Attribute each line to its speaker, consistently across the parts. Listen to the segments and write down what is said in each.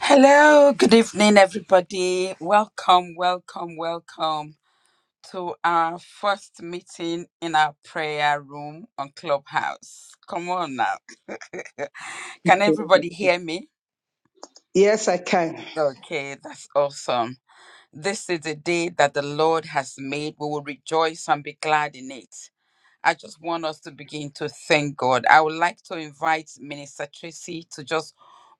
Speaker 1: Hello, good evening, everybody. Welcome, welcome, welcome to our first meeting in our prayer room on Clubhouse. Come on now. Can everybody hear me?
Speaker 2: Yes, I can.
Speaker 1: Okay, that's awesome. This is a day that the Lord has made. We will rejoice and be glad in it. I just want us to begin to thank God. I would like to invite Minister Tracy to just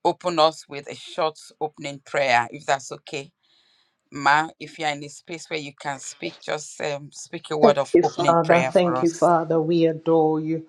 Speaker 1: open us with a short opening prayer, if that's okay. Ma, if you're in a space where you can speak, just um, speak a word of
Speaker 3: you,
Speaker 1: opening
Speaker 3: Father.
Speaker 1: prayer for
Speaker 3: Thank you,
Speaker 1: us.
Speaker 3: Father. We adore you.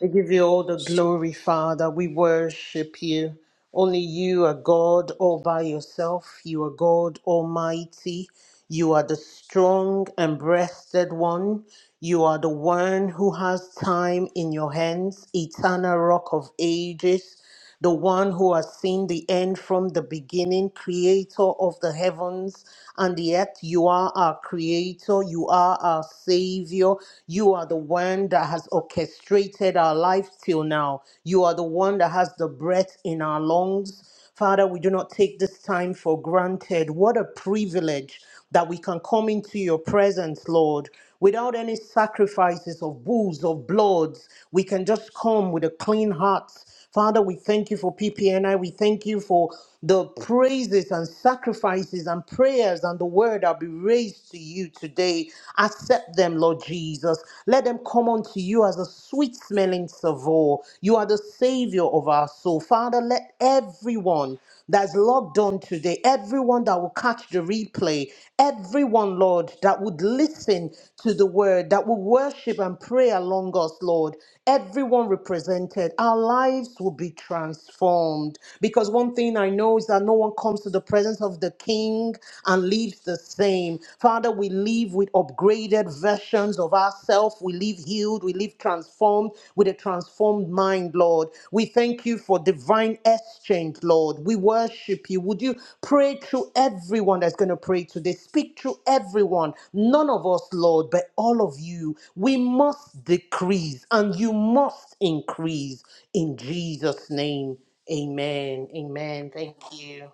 Speaker 3: We give you all the glory, Father. We worship you. Only you are God all by yourself. You are God Almighty. You are the strong and breasted one. You are the one who has time in your hands, eternal rock of ages the one who has seen the end from the beginning, creator of the heavens and the earth. You are our creator, you are our savior, you are the one that has orchestrated our life till now. You are the one that has the breath in our lungs. Father, we do not take this time for granted. What a privilege that we can come into your presence, Lord, without any sacrifices of bulls, of bloods. We can just come with a clean heart Father, we thank you for PPNI. We thank you for the praises and sacrifices and prayers and the word that be raised to you today. Accept them, Lord Jesus. Let them come unto you as a sweet smelling savour. You are the Savior of our soul. Father, let everyone that's logged on today, everyone that will catch the replay, everyone, Lord, that would listen to the word, that will worship and pray along us, Lord, everyone represented, our lives will be transformed. Because one thing I know is that no one comes to the presence of the King and leaves the same. Father, we leave with upgraded versions of ourselves off. We live healed. We live transformed with a transformed mind, Lord. We thank you for divine exchange, Lord. We worship you. Would you pray through everyone that's going to pray today? Speak through everyone. None of us, Lord, but all of you. We must decrease and you must increase in Jesus' name. Amen. Amen. Thank you.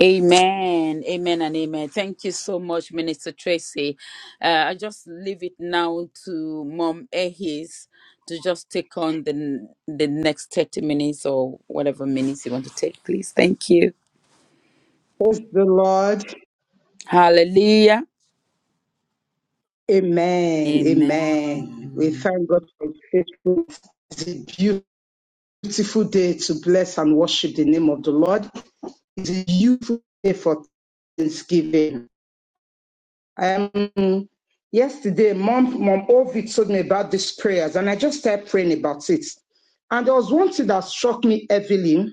Speaker 1: Amen, amen, and amen. Thank you so much, Minister Tracy. Uh, I just leave it now to Mom Ehis to just take on the the next thirty minutes or whatever minutes you want to take, please. Thank you.
Speaker 2: Praise the Lord.
Speaker 1: Hallelujah.
Speaker 2: Amen. Amen. We
Speaker 1: Amen.
Speaker 2: thank God for his faithfulness. It's a beautiful day to bless and worship the name of the Lord. It's a beautiful day for Thanksgiving. Um, yesterday, Mom, Mom Ovid told me about these prayers, and I just started praying about it. And there was one thing that struck me heavily.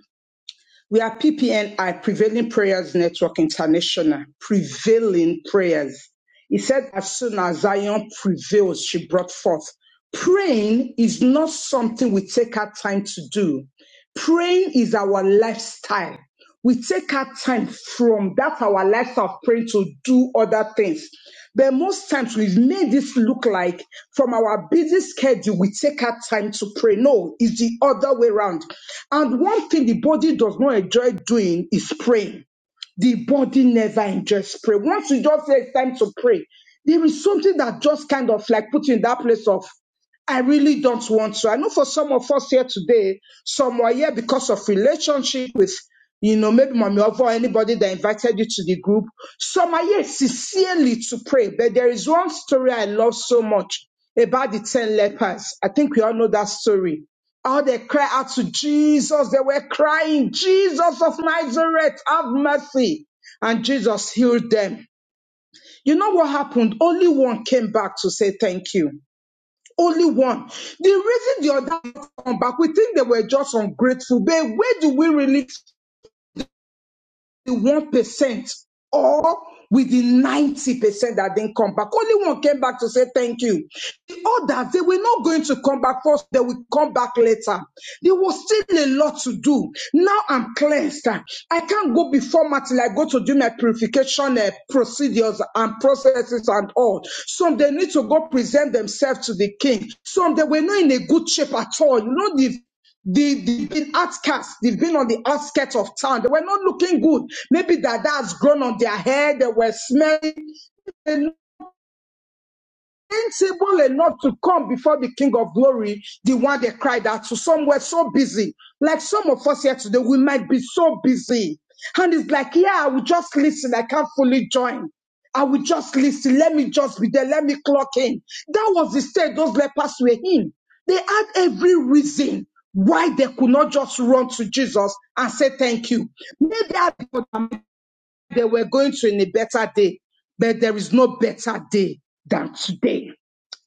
Speaker 2: We are PPNI, Prevailing Prayers Network International. Prevailing Prayers. He said, as soon as Zion prevails, she brought forth. Praying is not something we take our time to do. Praying is our lifestyle we take our time from that our life of praying to do other things. But most times we've made this look like from our busy schedule, we take our time to pray. No, it's the other way around. And one thing the body does not enjoy doing is praying. The body never enjoys prayer. Once you just say it's time to pray, there is something that just kind of like put you in that place of I really don't want to. I know for some of us here today, some are here because of relationship with you know, maybe Mommy Ovo or anybody that invited you to the group. Some are here sincerely to pray, but there is one story I love so much about the 10 lepers. I think we all know that story. How they cry out to Jesus. They were crying, Jesus of Nazareth, have mercy. And Jesus healed them. You know what happened? Only one came back to say thank you. Only one. The reason the other come back, we think they were just ungrateful. But where do we really the one percent or with the ninety percent that didn't come back. Only one came back to say thank you. The others they were not going to come back first. They will come back later. There was still a lot to do. Now I'm cleansed. I can't go before Matt till I go to do my purification uh, procedures and processes and all. Some they need to go present themselves to the king. Some they were not in a good shape at all. You know the they, they've been outcasts. They've been on the outskirts of town. They were not looking good. Maybe their dad has grown on their hair. They were smelling sensible enough to come before the King of Glory, the one that cried out to. Some were so busy. Like some of us here today, we might be so busy. And it's like, yeah, I will just listen. I can't fully join. I will just listen. Let me just be there. Let me clock in. That was the state those lepers were in. They had every reason why they could not just run to Jesus and say thank you. Maybe I they were going to in a better day, but there is no better day than today.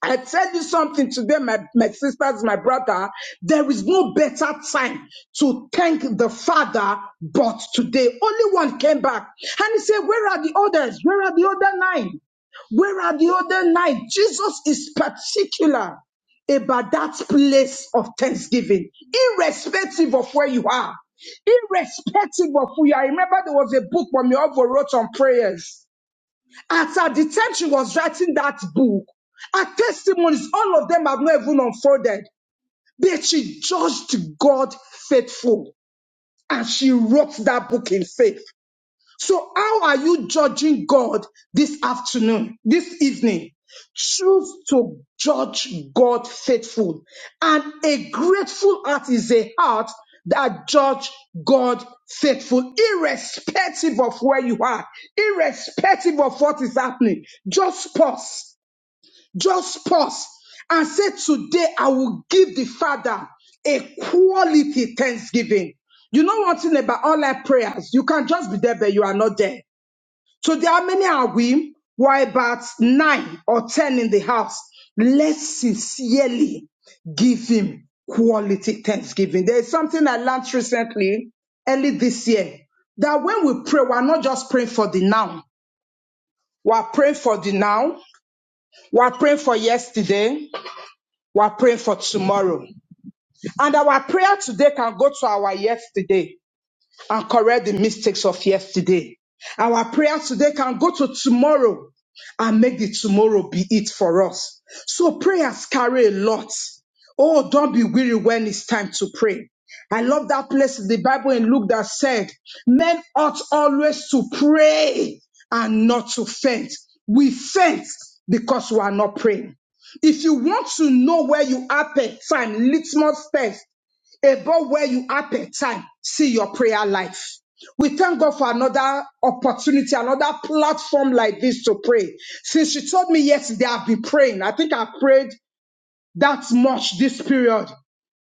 Speaker 2: I tell you something today, my, my sisters, my brother, there is no better time to thank the Father but today. Only one came back and he said, Where are the others? Where are the other nine? Where are the other nine? Jesus is particular about that place of thanksgiving, irrespective of where you are, irrespective of who you are. I remember there was a book Mommy Ovo wrote on prayers. At, at the time she was writing that book, her testimonies, all of them have not even unfolded. But she judged God faithful and she wrote that book in faith. So how are you judging God this afternoon, this evening? Choose to judge God faithful. And a grateful heart is a heart that judge God faithful, irrespective of where you are, irrespective of what is happening. Just pause. Just pause and say, today I will give the Father a quality thanksgiving. You know one thing about online prayers, you can just be there, but you are not there. So there are many are we? We're about nine or ten in the house. Let's sincerely give him quality thanksgiving. There is something I learned recently, early this year, that when we pray, we're not just praying for the now. We're praying for the now. We're praying for yesterday. We're praying for tomorrow. And our prayer today can go to our yesterday. and correct the mistakes of yesterday. Our prayers today can go to tomorrow and make the tomorrow be it for us. So prayers carry a lot. Oh, don't be weary when it's time to pray. I love that place in the Bible in Luke that said, men ought always to pray and not to faint. We faint because we are not praying. If you want to know where you are per time, litmus test, about where you are per time, see your prayer life. We thank God for another opportunity, another platform like this to pray. Since she told me yesterday, I've been praying. I think I prayed that much this period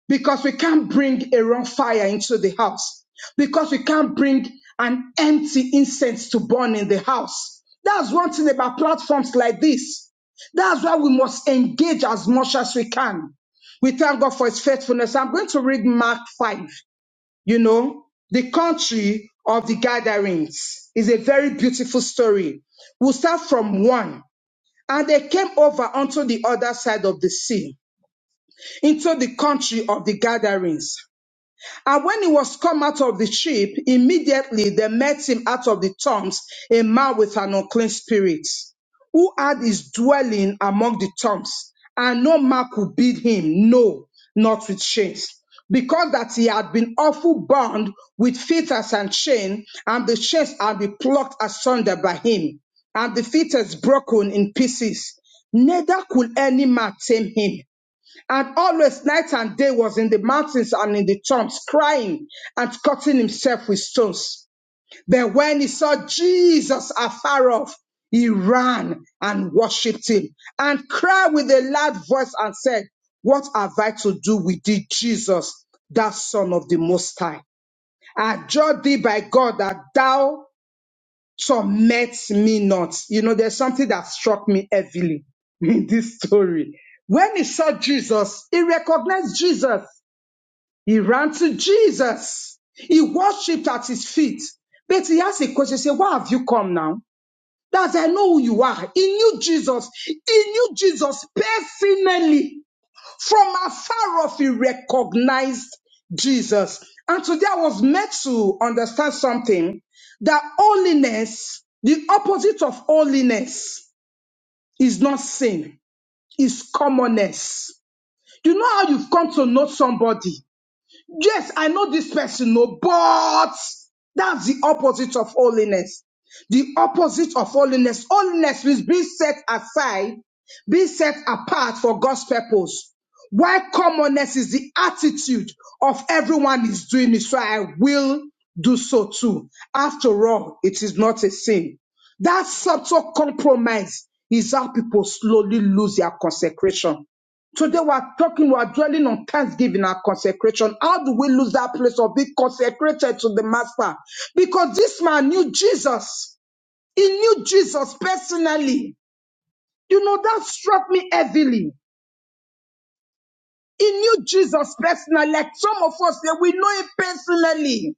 Speaker 2: because we can't bring a wrong fire into the house because we can't bring an empty incense to burn in the house. That's one thing about platforms like this. That's why we must engage as much as we can. We thank God for his faithfulness. I'm going to read Mark 5. You know, the country of the gatherings is a very beautiful story. We'll start from one. And they came over unto the other side of the sea into the country of the gatherings. And when he was come out of the ship, immediately there met him out of the tombs a man with an unclean spirit, who had his dwelling among the tombs, and no man could beat him, no, not with chains. Because that he had been awful bound with fetters and chain, and the chains had been plucked asunder by him, and the fetters broken in pieces, neither could any man tame him. And always night and day was in the mountains and in the tombs, crying and cutting himself with stones. But when he saw Jesus afar off, he ran and worshipped him and cried with a loud voice and said, What have I to do with thee, Jesus, thou son of the Most High? I adjure thee by God that thou some met me not. You know, there's something that struck me heavily in this story. When he saw Jesus, he recognized Jesus. He ran to Jesus. He worshipped at his feet. But he asked a question, he said, why have you come now? That I know who you are. He knew Jesus. He knew Jesus personally. From afar off, he recognized Jesus. And today I was made to understand something that holiness, the opposite of holiness, is not sin, is commonness. You know how you've come to know somebody. Yes, I know this person, no, but that's the opposite of holiness. The opposite of holiness. Holiness means being set aside, being set apart for God's purpose. While commonness is the attitude of everyone is doing it, so I will do so too. After all, it is not a sin. That subtle compromise is how people slowly lose their consecration. Today we are talking, we are dwelling on thanksgiving and consecration. How do we lose that place of being consecrated to the master? Because this man knew Jesus. He knew Jesus personally. You know, that struck me heavily. He knew Jesus personally, like some of us that we know him personally.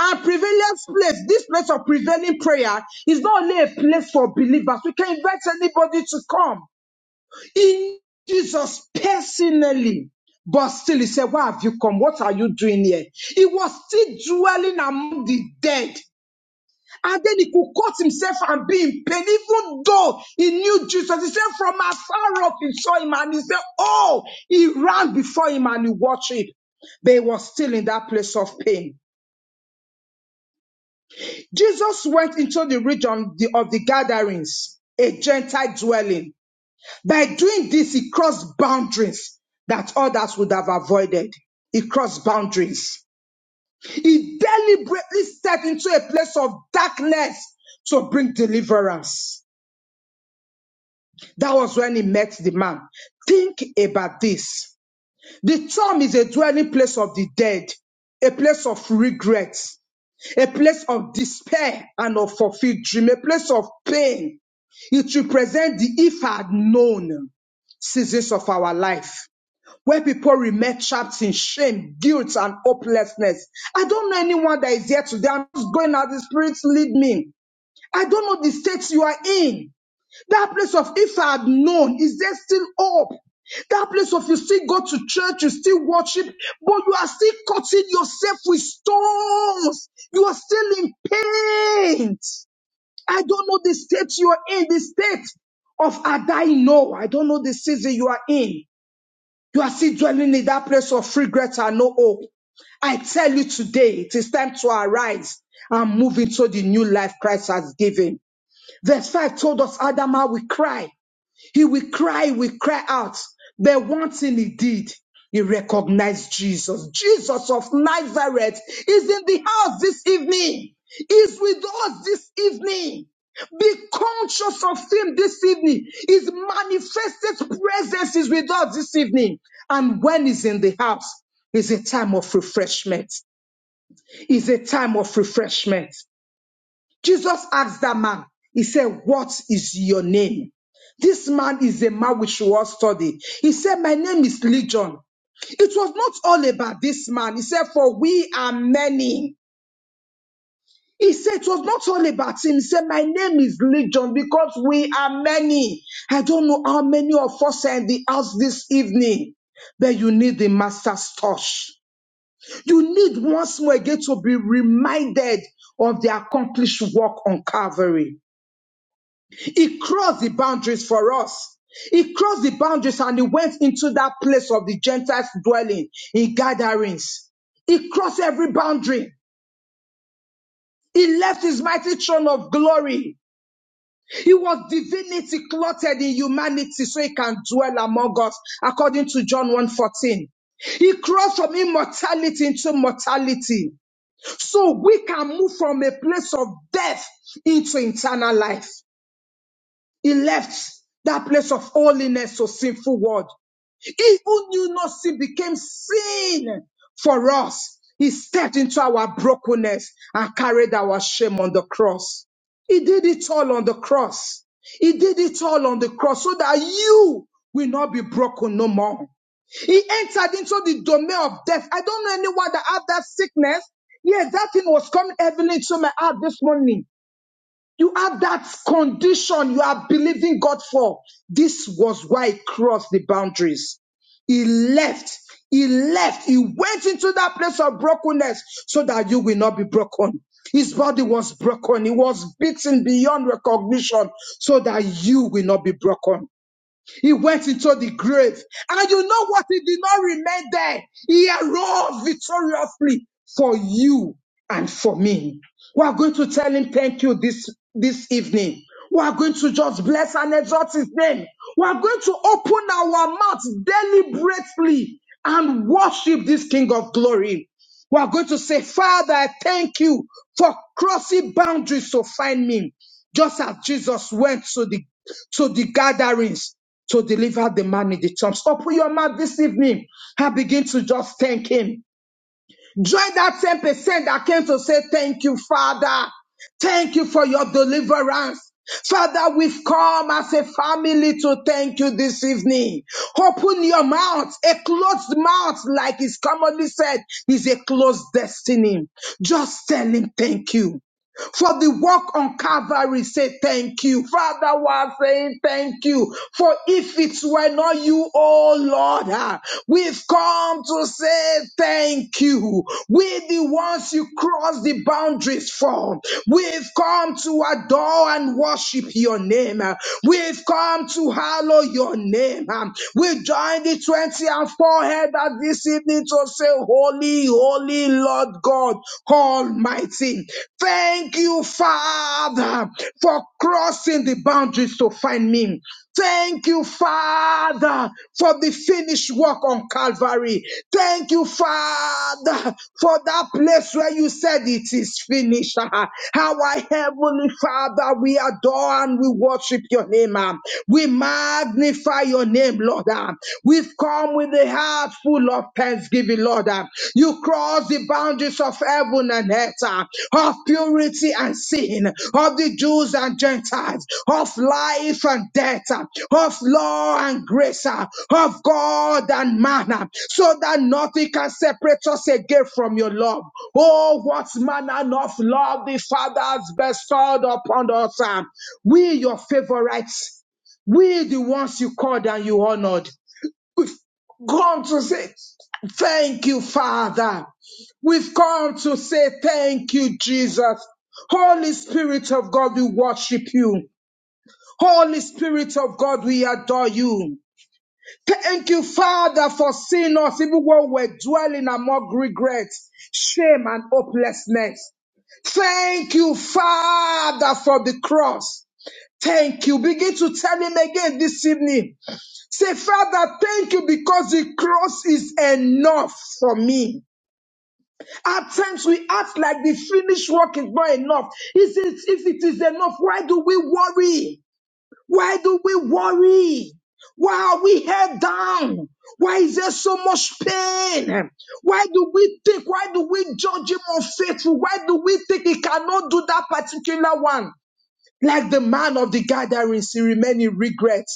Speaker 2: Our prevalence place, this place of prevailing prayer is not only a place for believers. We can invite anybody to come. In Jesus personally. But still, he said, Why have you come? What are you doing here? He was still dwelling among the dead. And then he could cut himself and be in pain, even though he knew Jesus. He said, From afar off, he saw him and he said, Oh, he ran before him and he watched it. But he was still in that place of pain. Jesus went into the region of the gatherings, a Gentile dwelling. By doing this, he crossed boundaries that others would have avoided. He crossed boundaries. He deliberately stepped into a place of darkness to bring deliverance. That was when he met the man. Think about this. The tomb is a dwelling place of the dead, a place of regret, a place of despair and of fulfilled dream, a place of pain. It represents the if I had known seasons of our life. where people remain trapped in shame, guilt, and hopelessness. I don't know anyone that is here today. I'm just going as the Spirit lead me. I don't know the state you are in. That place of if I had known, is there still hope? That place of you still go to church, you still worship, but you are still cutting yourself with stones. You are still in pain. I don't know the state you are in, the state of Adai. No, I don't know the season you are in. You are still dwelling in that place of regret and no hope. I tell you today, it is time to arise and move into the new life Christ has given. Verse 5 told us Adama will cry. He will cry, he will cry out. But one thing he did, he recognized Jesus. Jesus of Nazareth is in the house this evening, is with us this evening. Be conscious of him this evening. His manifested presence is with us this evening. And when he's in the house, is a time of refreshment. Is a time of refreshment. Jesus asked that man, he said, what is your name? This man is a man which was studied. He said, my name is Legion. It was not all about this man. He said, for we are many. He said, it was not all about him. He said, my name is Legion because we are many. I don't know how many of us are in the house this evening, but you need the master's touch. You need once more again to be reminded of the accomplished work on Calvary. He crossed the boundaries for us. He crossed the boundaries and he went into that place of the Gentiles dwelling in gatherings. He crossed every boundary. He left his mighty throne of glory. He was divinity clothed in humanity so he can dwell among us according to John 1:14. He crossed from immortality into mortality so we can move from a place of death into eternal life. He left that place of holiness to sinful world. He who knew no sin became sin for us. He stepped into our brokenness and carried our shame on the cross. He did it all on the cross. He did it all on the cross so that you will not be broken no more. He entered into the domain of death. I don't know anyone that had that sickness. Yes, that thing was coming heavily into my heart this morning. You had that condition you are believing God for. This was why he crossed the boundaries. He left. He left. He went into that place of brokenness so that you will not be broken. His body was broken. He was beaten beyond recognition so that you will not be broken. He went into the grave. And you know what? He did not remain there. He arose victoriously for you and for me. We are going to tell him thank you this, this evening. We are going to just bless and exalt his name. We are going to open our mouths deliberately and worship this King of glory. We are going to say, Father, I thank you for crossing boundaries to find me. Just as Jesus went to the to the gatherings to deliver the man in the tombs. Open your mouth this evening and begin to just thank him. Join that 10% that came to say, thank you, Father. Thank you for your deliverance. Father, we've come as a family to thank you this evening. Open your mouth. A closed mouth, like is commonly said, is a closed destiny. Just tell him thank you for the work on Calvary. Say thank you. Father, we are saying thank you. For if it were not you, oh Lord, ah, we've come to say thank you. We the ones you cross the boundaries for. We've come to adore and worship your name. ah. We've come to hallow your name. ah. We join the 20 and 4 head at this evening to say, Holy, holy holy Lord God Almighty. Thank you, Father, for crossing the boundaries to find me. Thank you, Father, for the finished work on Calvary. Thank you, Father, for that place where you said it is finished. Our Heavenly Father, we adore and we worship your name. ah. We magnify your name, Lord. ah. We've come come with a heart full of thanksgiving, Lord. Uh, You cross the boundaries of heaven and earth, uh, of purity and sin, of the Jews and Gentiles, of life and death, uh, of law and grace, uh, of God and man, uh, so that nothing can separate us again from your love. Oh, what manner of love the Father has bestowed upon us. uh, We, your favorites, we the ones you called and you honored come to say thank you, Father. We've come to say thank you, Jesus. Holy Spirit of God, we worship you. Holy Spirit of God, we adore you. Thank you, Father, for seeing us even when we're dwelling among regrets, shame, and hopelessness. Thank you, Father, for the cross. Thank you. Begin to tell him again this evening. Say, Father, thank you because the cross is enough for me. At times we act like the finished work is not enough. Is it, if it is enough, why do we worry? Why do we worry? Why are we head down? Why is there so much pain? Why do we think? Why do we judge him unfaithful? Why do we think he cannot do that particular one? Like the man of the gatherings, he remained in regret.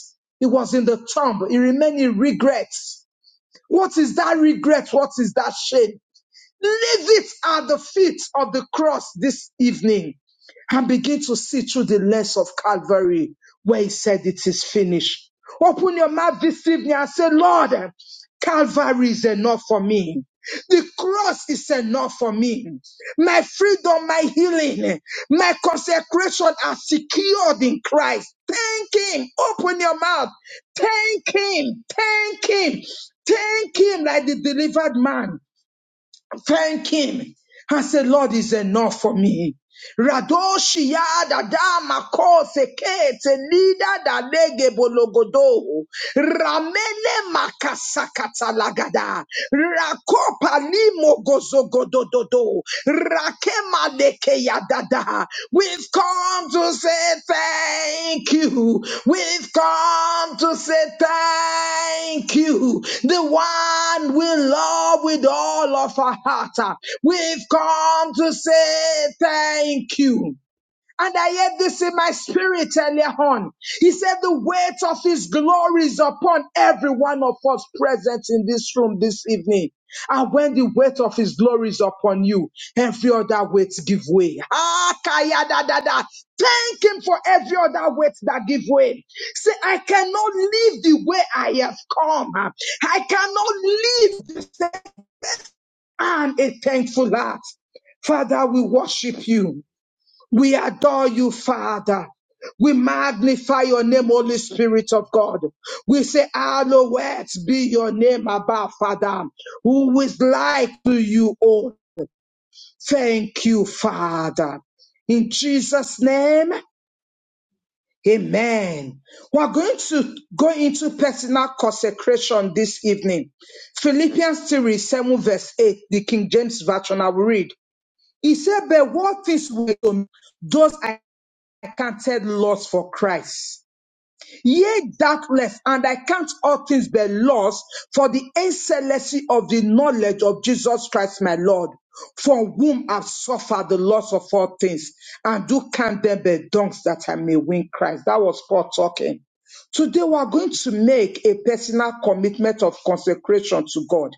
Speaker 2: He was in the tomb. He remained in regrets. What is that regret? What is that shame? Leave it at the feet of the cross this evening and begin to see through the lens of Calvary where he said it is finished. Open your mouth this evening and say, Lord, Calvary is enough for me. The cross is enough for me. My freedom, my healing, my consecration are secured in Christ. Thank Him. Open your mouth. Thank Him. Thank Him. Thank Him like the delivered man thank him and say, Lord is enough for me. Radoshia dadama kose kete lida dadege bologodo ramele makasakata lagada rakopa limo gozogodododo rakema leke yadada We've come to say thank you. We've come to say thank you. The one we love with all of our heart. We've come to say thank you. And I heard this in my spirit earlier on. He said the weight of his glory is upon every one of us present in this room this evening. And when the weight of his glory is upon you, every other weight give way. Ah, kaya da da da. Thank him for every other weight that give way. Say, I cannot live the way I have come. I cannot live and a thankful heart. Father, we worship you. We adore you, Father. We magnify your name, Holy Spirit of God. We say, Hallowed be your name above, Father. Who is like to you, oh, thank you, Father. In Jesus' name, amen. We're going to go into personal consecration this evening. Philippians 3, 7 verse 8, the King James Version, I will read. He said, but what things will those?" I counted loss for Christ. Yea, doubtless, and I count all things but loss for the excellency of the knowledge of Jesus Christ, my Lord, for whom I've suffered the loss of all things, and do count them but dunks that I may win Christ. That was Paul talking. Today, we are going to make a personal commitment of consecration to God.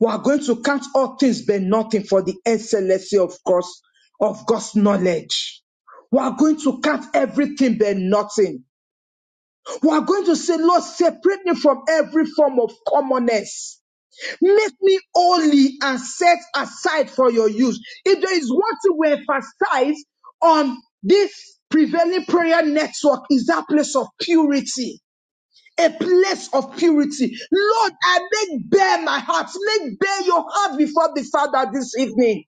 Speaker 2: We are going to count all things but nothing for the excellency of God's, of God's knowledge. We are going to count everything but nothing. We are going to say, Lord, separate me from every form of commonness. Make me holy and set aside for your use. If there is one thing we emphasize on this prevailing prayer network is that place of purity a place of purity. Lord, I make bare my heart. Make bare your heart before the Father this evening.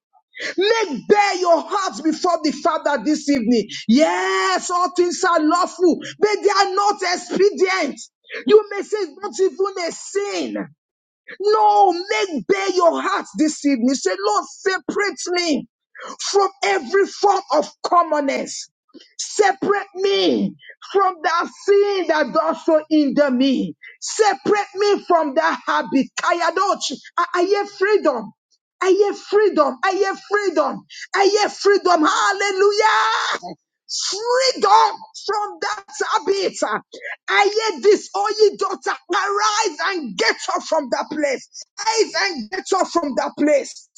Speaker 2: Make bare your heart before the Father this evening. Yes, all things are lawful, but they are not expedient. You may say it's not even a sin. No, make bare your heart this evening. Say, Lord, separate me from every form of commonness. Separate me from that sin that does so hinder me. Separate me from that habit. Kayadochi. I, I hear freedom. I hear freedom. I hear freedom. I hear freedom. Hallelujah. Freedom from that habit. I hear this, oh ye daughter, arise and get up from that place. Arise and get up from that place.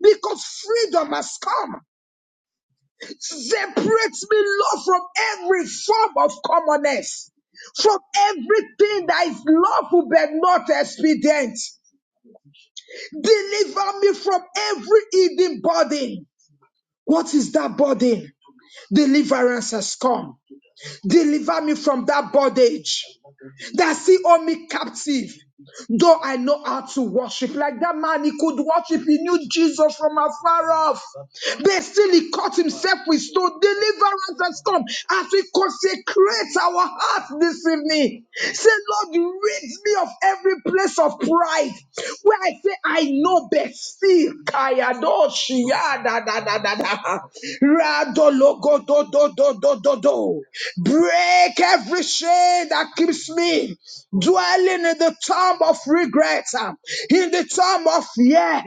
Speaker 2: Because freedom has come. Separates me, Lord, from every form of commonness, from everything that is lawful but not expedient. Deliver me from every hidden burden. What is that burden? Deliverance has come. Deliver me from that bondage that see all me captive, though I know how to worship. Like that man, he could worship, he knew Jesus from afar off. But still, he caught himself with stone. Deliverance has come as we consecrate our hearts this evening. Say, Lord, rid me of every place of pride where I say, I know best. Still, Kaya do shia da da da da da. Ra do lo go do do do do do do. Break. Break every chain that keeps me dwelling in the tomb of regret, uh, in the tomb of yeah,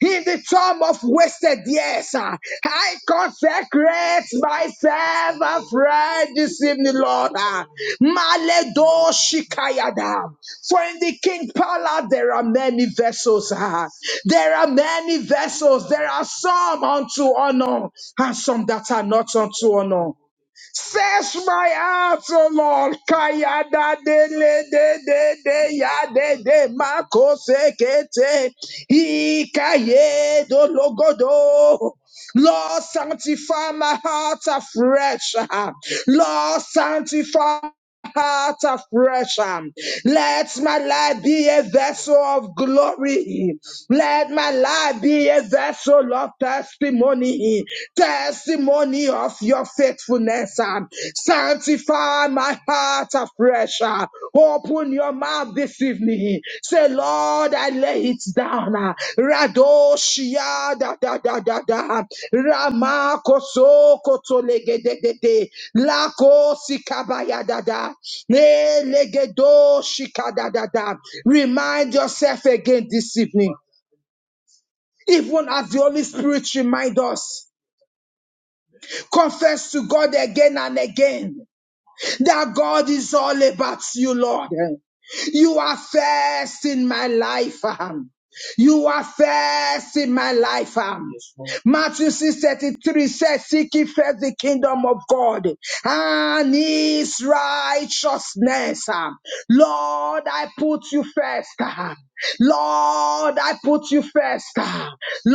Speaker 2: in the tomb of wasted years. uh. I consecrate myself afresh this evening, Lord. uh. Maledo shikayada. For in the king palace there are many vessels. ah. There are many vessels. There are some unto honor and some that are not unto honor. Search my heart, O Lord. Kaya da de le de de de ya de de mako sekete ikaye do logodo. Lord, sanctify my heart afresh. Lord, sanctify heart afresh. um, Let my life be a vessel of glory. Let my life be a vessel of testimony, testimony of your faithfulness. um, Sanctify my heart afresh. uh, Open your mouth this. Give me. Say, Lord, I lay it down. ah. Radoshia da da da da da. Rama koso koto legedede. Lako sikabaya da da. Ne legedo shika da da da. Remind yourself again this evening. Even as the Holy Spirit remind us. Confess to God again and again that God is all about you, Lord. You are first in my life. um. You are first in my life. um. Yes, Matthew 6 33 says, Seek ye first the kingdom of God and his righteousness. um. Lord, I put you first. um." Lord, I put you first. Lord,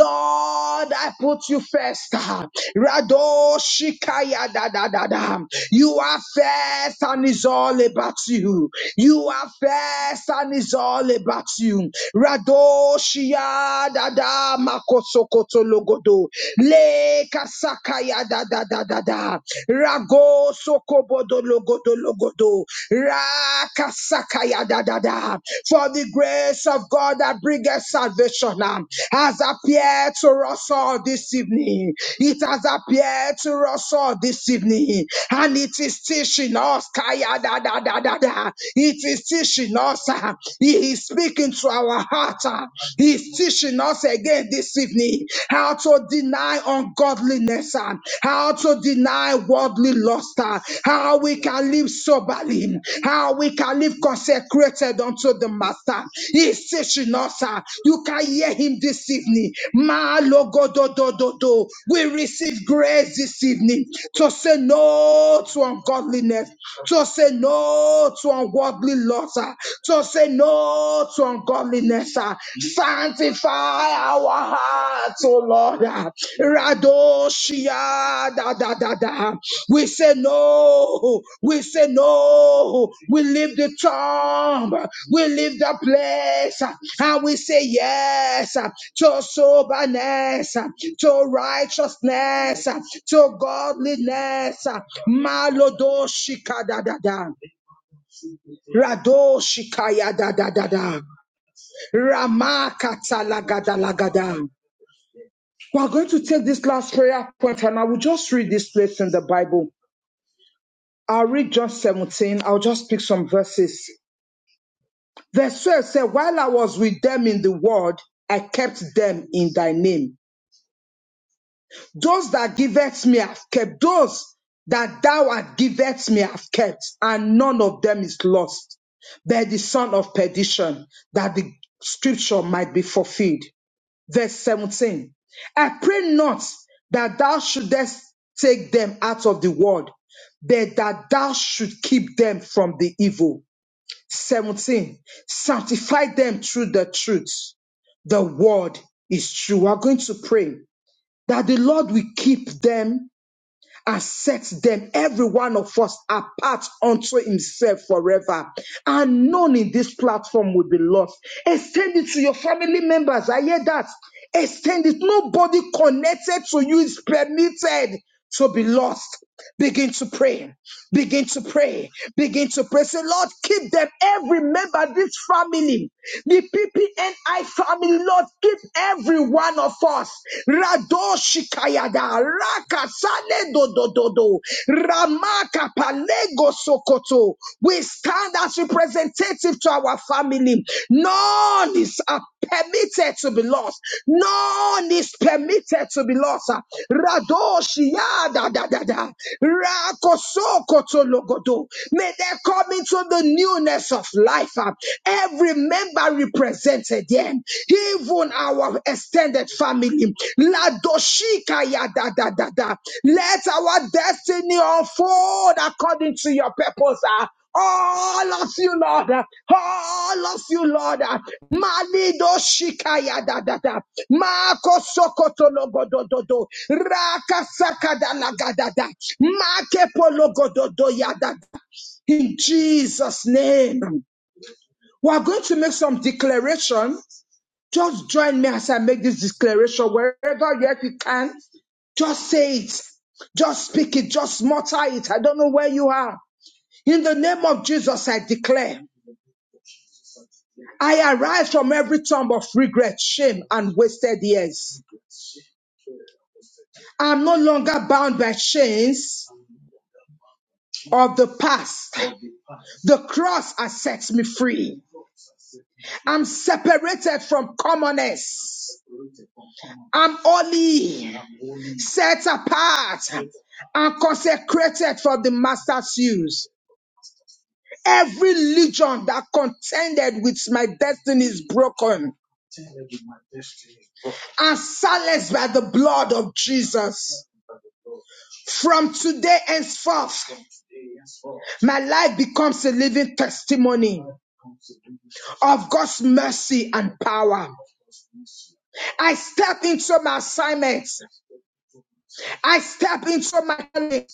Speaker 2: I put you first. Rado Shikaya da da da da. You are first and it's all about you. You are first and it's all about you. Rado Shia da da Makosokoto Logodo. Le Kasakaya da da da da da. Rago Sokobodo Logodo logodo. Rakasakaya da For the grace of God that bringeth salvation um, has appeared to us all this evening. It has appeared to us all this evening. And it is teaching us. Kaya da da da da da. It is teaching us. uh, He is speaking to our heart. uh, He is teaching us again this evening how to deny ungodliness worldliness, uh, how to deny worldly lust, uh, how we can live soberly, how we can live consecrated unto the Master. He's teaching us. uh, You can hear him this evening. Ma lo go do do do do. We receive grace this evening to say no to ungodliness, to say no to unworldly lust, uh, to say no to ungodliness. uh, Sanctify our hearts, O Lord. Radoshia da da da da. We say no. We say no. We leave the tomb. We leave the place. And we say yes to soberness, to righteousness, to godliness. Malodoshika da da da. Radoshikaya da da da da. Ramakatalagada. We are going to take this last prayer point and I will just read this place in the Bible. I'll read John 17. I'll just pick some verses. Verse 12 said, While I was with them in the world, I kept them in thy name. Those that giveth me have kept. Those that thou art giveth me have kept, and none of them is lost. But the son of perdition, that the scripture might be fulfilled. verse 17. I pray not that thou shouldest take them out of the world, but that thou should keep them from the evil. 17. Sanctify them through the truth. The word is true. We are going to pray that the Lord will keep them and sets them, every one of us, apart unto himself forever. And none in this platform will be lost. Extend it to your family members. I hear that. Extend it. Nobody connected to you is permitted to be lost. Begin to pray. Begin to pray. Begin to pray. Say, Lord, keep them. Every member of this family, the PPNI family, Lord, keep every one of us. Rado Shikayada, Raka Sale Dodododo, Ramaka Palego Sokoto. We stand as representative to our family. None is uh, permitted to be lost. None is permitted to be lost. Radoshia da da da da. Rakosokotologodo. May they come into the newness of life. uh, Every member represented here, even our extended family. Ladoshika ya da da da da. Let our destiny unfold according to your purpose. ah. All of you, Lord. All of you, Lord. Malido shikaya da da da. Mako sokoto logo do do do. Raka sakada laga da da. Make pologo do do ya da da. In Jesus' name. We are going to make some declaration. Just join me as I make this declaration wherever yet you can. Just say it. Just speak it. Just mutter it. I don't know where you are. In the name of Jesus, I declare, I arise from every tomb of regret, shame, and wasted years. I'm no longer bound by chains of the past. The cross has set me free. I'm separated from commonness. I'm holy, set apart, and consecrated for the master's use. Every legion that contended with my destiny is broken. are silenced by the blood of Jesus. From today henceforth, my life becomes a living testimony of God's mercy and power. I step into my assignments. I step into my life.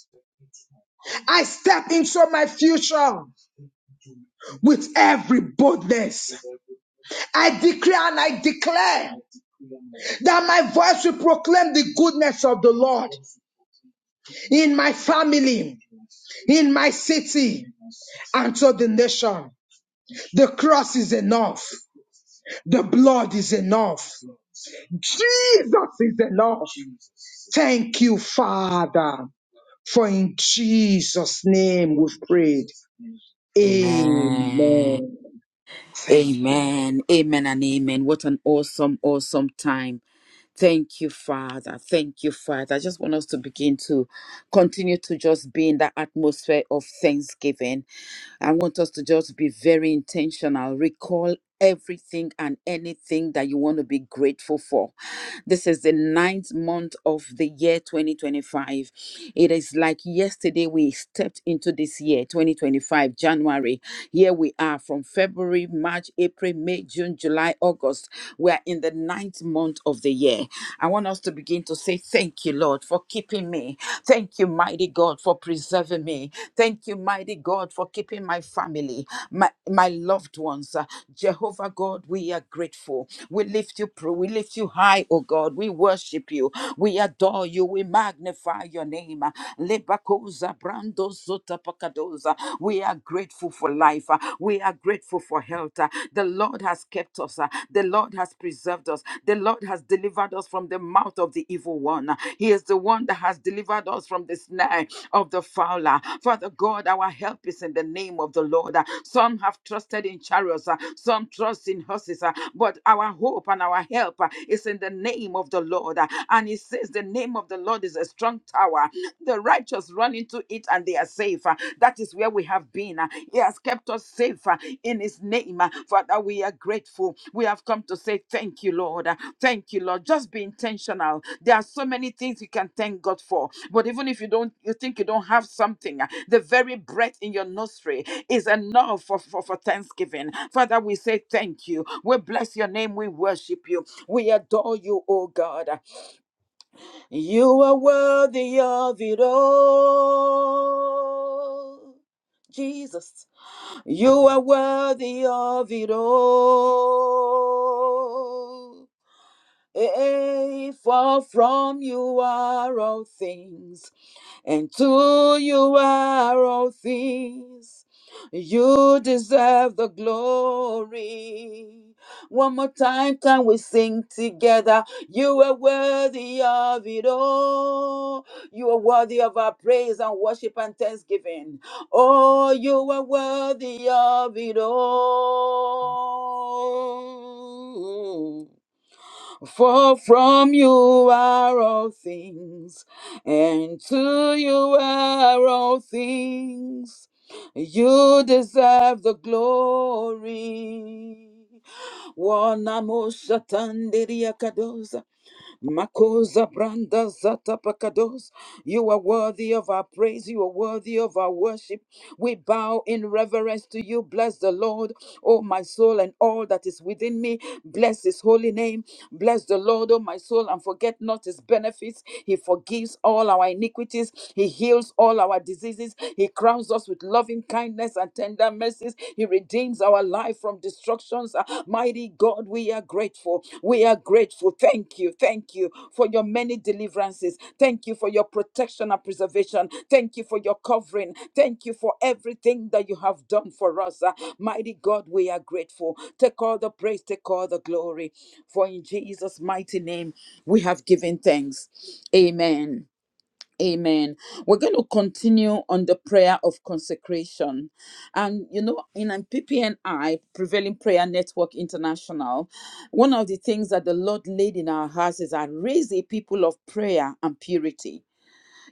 Speaker 2: I step into my future with every boldness. I declare and I declare that my voice will proclaim the goodness of the Lord in my family, in my city and to the nation. The cross is enough. The blood is enough. Jesus is enough. Thank you, Father, for in Jesus' name we've prayed.
Speaker 1: Amen.
Speaker 2: Amen. Thank
Speaker 1: Amen. Amen and amen. What an awesome, awesome time. Thank you, Father. Thank you, Father. I just want us to begin to continue to just be in that atmosphere of thanksgiving. I want us to just be very intentional. Recall everything and anything that you want to be grateful for. This is the ninth month of the year 2025. It is like yesterday we stepped into this year, 2025, January. Here we are from February, March, April, May, June, July, August. We are in the ninth month of the year. I want us to begin to say, Thank you, Lord, for keeping me. Thank you, mighty God, for preserving me. Thank you, mighty God, for keeping my family, my, my loved ones. Uh, Jehovah God, we are grateful. We lift you, pro- we lift you high, oh God. We worship you. We adore you. We magnify your name. Uh, Lebakosa Sotapakadoza. We are grateful for life. uh, We are grateful for health. uh, The Lord has kept us. uh, The Lord has preserved us. The Lord has delivered us from the mouth of the evil one. uh, He is the one that has delivered us from the snare of the fowler. Father God, our help is in the name of the Lord. uh, Some have trusted in chariots, uh, some trust in horses, uh, but our hope and our help uh, is in the name of the Lord. uh, And He says, The name of the Lord is a strong tower. The righteous run into it and they are safe. Uh, That is where we have been. Uh, He has kept us safe uh, in His name. Uh, Father, we are grateful. We have come to say thank you, Lord. Uh, Thank you, Lord. Just be intentional. There are so many things you can thank God for. But even if you don't, you think you don't have something, uh, the very breath in your nostril is enough for, for, for thanksgiving. Father, we say thank you. We bless your name. We worship you. We adore you, oh God. You are worthy of it all. Jesus, you are worthy of it all. Eh, for from you are all things, and to you are all things. You deserve the glory. One more time, can we sing together? You are worthy of it all. You are worthy of our praise and worship and thanksgiving. Oh, you are worthy of it all. For from you are all things, and to you are all things. You deserve the glory. Wanamushatandiria Makosa branda zata pakados. You are worthy of our praise. You are worthy of our worship. We bow in reverence to you. Bless the Lord, O my soul, and all that is within me. Bless his holy name. Bless the Lord, O my soul, and forget not his benefits. He forgives all our iniquities. He heals all our diseases. He crowns us with loving kindness and tender mercies. He he redeems our life from destructions. Uh, Mighty God, we are grateful. We are grateful. Thank you. Thank you for your many deliverances. Thank you for your protection and preservation. Thank you for your covering. Thank you for everything that you have done for us. Uh, Mighty God, we are grateful. Take all the praise, take all the glory. For in Jesus' mighty name, we have given thanks. Amen. Amen. We're going to continue on the prayer of consecration. And you know, in um, PPNI, Prevailing Prayer Network International, one of the things that the Lord laid in our hearts is I raise a people of prayer and purity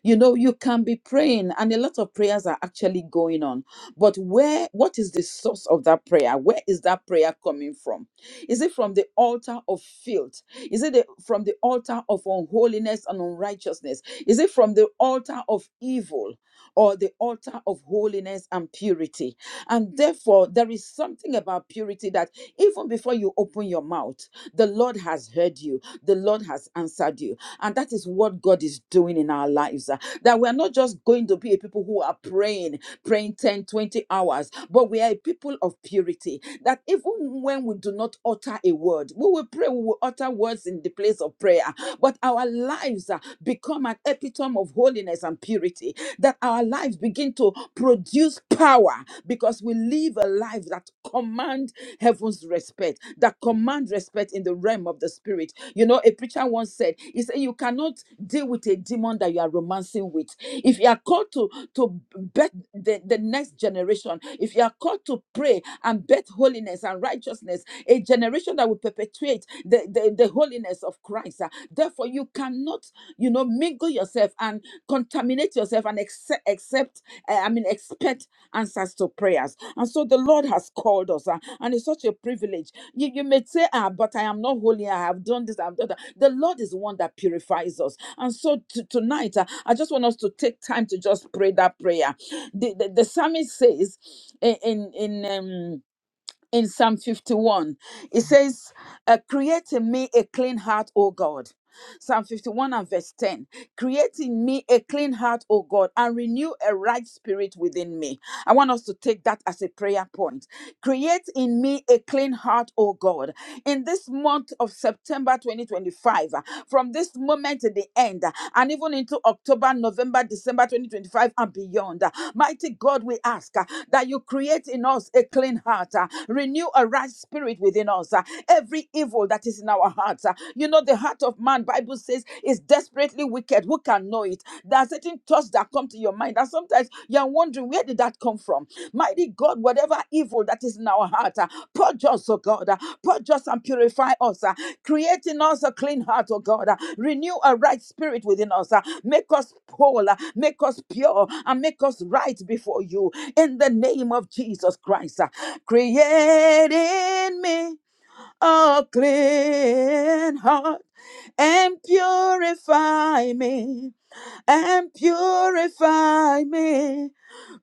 Speaker 1: you know you can be praying and a lot of prayers are actually going on but where what is the source of that prayer where is that prayer coming from is it from the altar of filth is it the- from the altar of unholiness and unrighteousness is it from the altar of evil or the altar of holiness and purity. And therefore, there is something about purity that even before you open your mouth, the Lord has heard you, the Lord has answered you. And that is what God is doing in our lives. uh, That we're not just going to be a people who are praying, praying 10, 20 hours, but we are a people of purity. That even when we do not utter a word, we will pray, we will utter words in the place of prayer, but our lives uh, become an epitome of holiness holiness and purity, that our lives begin to produce power because we live a life that command heaven's respect, that command respect in the realm of the spirit. You know, a preacher once said, he said, you cannot deal with a demon that you are romancing with. If you are called to to bet the, the next generation, if you are called to pray and bet holiness and righteousness, a generation that will perpetuate the, the, the holiness of Christ, ah, therefore you cannot you know mingle yourself and contaminate yourself and accept, accept uh, i mean expect answers to prayers and so the lord has called us uh, and it's such a privilege you, you may say ah but i am not holy i have done this i've done that the lord is the one that purifies us and so to, tonight uh, i just want us to take time to just pray that prayer the, the, the psalmist says in in, in um in Psalm 51, it says, uh, Create in me a clean heart, O God Psalm 51 and verse 10. Create in me a clean heart, O God, and renew a right spirit within me. I want us to take that as a prayer point. Create in me a clean heart, O God. In this month of September 2025, uh, from this moment to the end, uh, and even into October, November, December 2025, and beyond, uh, mighty God, we ask uh, that you create in us a clean heart, uh, renew a right spirit spirit within us, uh, every evil that is in our hearts. uh, You know, the heart of man, Bible says, is desperately wicked. Who can know it? There are certain thoughts that come to your mind, and sometimes you are wondering where did that come from. Mighty God, whatever evil that is in our heart, uh, purge us, oh God, uh, purge us and purify us, uh, create in us a clean heart, oh God, uh, renew a right spirit within us, uh, make us whole, uh, make us pure, and make us right before you in the name of Jesus Christ. uh, Create in me a clean heart and purify me and purify me.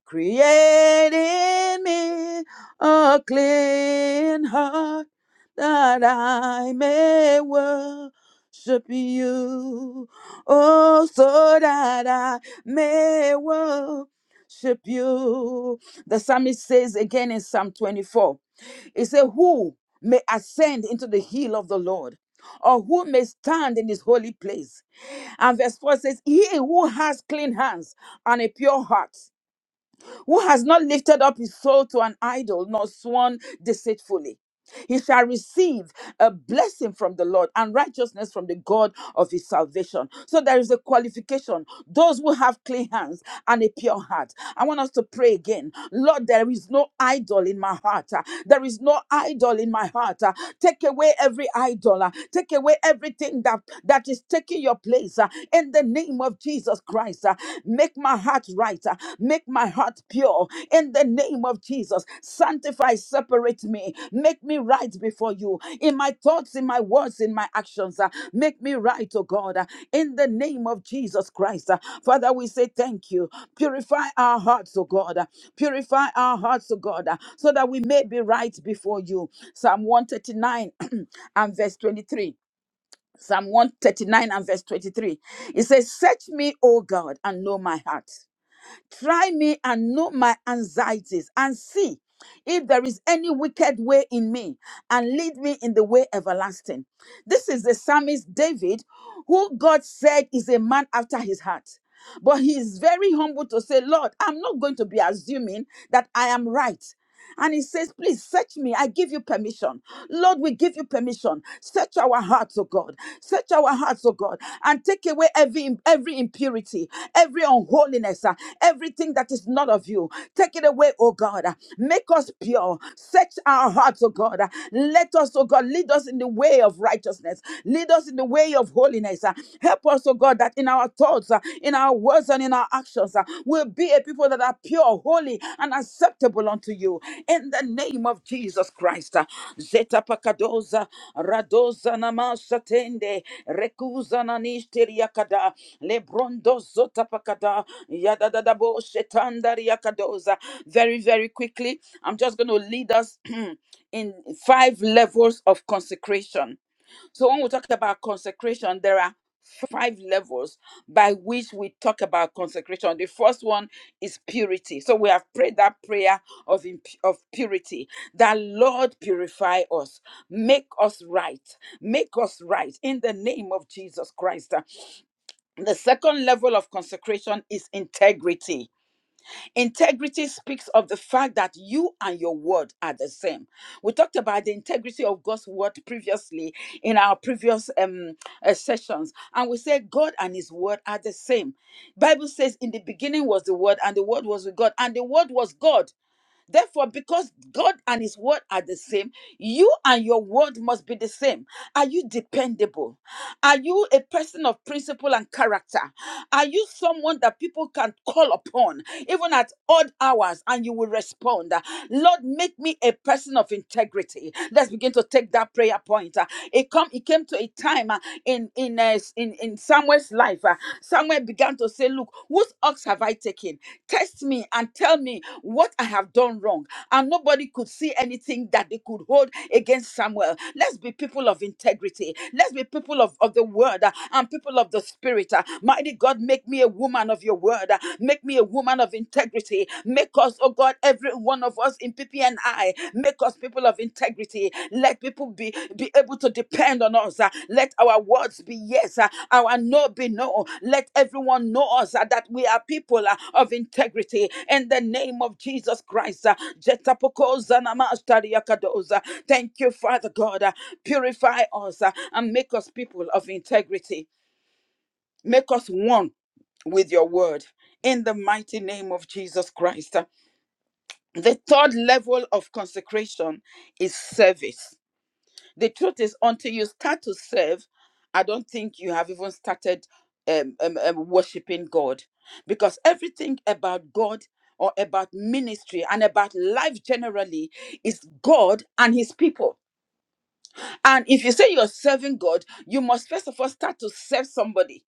Speaker 1: Create in me a clean heart that I may worship you. Oh, so that I may worship you. The psalmist says again in Psalm 24. It said, Who may ascend into the hill of the Lord? Or who may stand in his holy place? And verse 4 says, He who has clean hands and a pure heart, who has not lifted up his soul to an idol nor sworn deceitfully. He shall receive a blessing from the Lord and righteousness from the God of his salvation. So there is a qualification. Those who have clean hands and a pure heart. I want us to pray again. Lord, there is no idol in my heart. Ah, There is no idol in my heart. Ah, Take away every idol. Ah, Take away everything that, that is taking your place. Ah, In the name of Jesus Christ, Ah, make my heart right. Uh, Make my heart pure in the name of Jesus. Sanctify, separate me. Make me right before you in my thoughts, in my words, in my actions. uh, Make me right, oh God, uh, in the name of Jesus Christ. Uh, Father, we say thank you. Purify our hearts, oh God. uh, Purify our hearts, oh God, uh, so that we may be right before you. Psalm 139 and verse 23. Psalm 139 and verse 23. It says, Search me, O God, and know my heart. Try me and know my anxieties and see if there is any wicked way in me and lead me in the way everlasting. This is the psalmist David, who God said is a man after his heart. But he is very humble to say, Lord, I'm not going to be assuming that I am right. And he says, Please search me. I give you permission. Lord, we give you permission. Search our hearts, oh God. Search our hearts, oh God, and take away every every impurity, every unholiness, uh, everything that is not of you. Take it away, oh God. Uh, Make us pure. Search our hearts, oh God. Uh, Let us, oh God, lead us in the way of righteousness. Lead us in the way of holiness. Uh, Help us, oh God, that that in our thoughts, uh, in our words, and in our actions, uh, we'll be a people that are pure, holy, and acceptable unto you. In the name of Jesus Christ. uh, Zeta pakadoza, radoza namasatende, rekuza nanishteriakada, lebrondo zota pakada, yadadadabo shetandariakadoza. Very, very quickly, I'm just going to lead us in five levels of consecration so when we talk about consecration, there are five levels by which we talk about consecration. The first one is purity. So we have prayed that prayer of imp- of purity. That Lord purify us, make us right, make us right in the name of Jesus Christ. The second level of consecration is integrity Integrity speaks of the fact that you and your word are the same. We talked about the integrity of God's word previously in our previous um, uh, sessions, and we said God and His word are the same. Bible says, "In the beginning was the Word, and the Word was with God, and the Word was God." Therefore, because God and His word are the same, you and your word must be the same. Are you dependable? Are you a person of principle and character? Are you someone that people can call upon even at odd hours and you will respond? Lord, make me a person of integrity. Let's begin to take that prayer point. Uh, It come it came to a time uh, in in uh, Samuel's in, in Samuel's life, uh, Samuel began to say, Look, whose ox have I taken? Test me and tell me what I have done wrong. And nobody could see anything that they could hold against Samuel. Let's be people of integrity. Let's be people of, of the word uh, and people of the spirit. uh. Mighty God, make me a woman of your word. uh. Make me a woman of integrity. Make us, oh God, every one of of us in PPNI. Make us people of integrity. Let people be, be able to depend on us. uh, Let our words be yes, uh, our no be no. Let everyone know us uh, that we are people uh, of integrity. In the name of Jesus Christ. uh, Jetapoko Zanamastariakadosa. Thank you, Father God. uh, Purify us uh, and make us people of integrity. Make us one with your word. In the mighty name of Jesus Christ. The third level of consecration is service. The truth is, until you start to serve, I don't think you have even started um, um, um, worshiping God. Because everything about God or about ministry and about life generally is God and His people. And if you say you're serving God, you must first of all start to serve somebody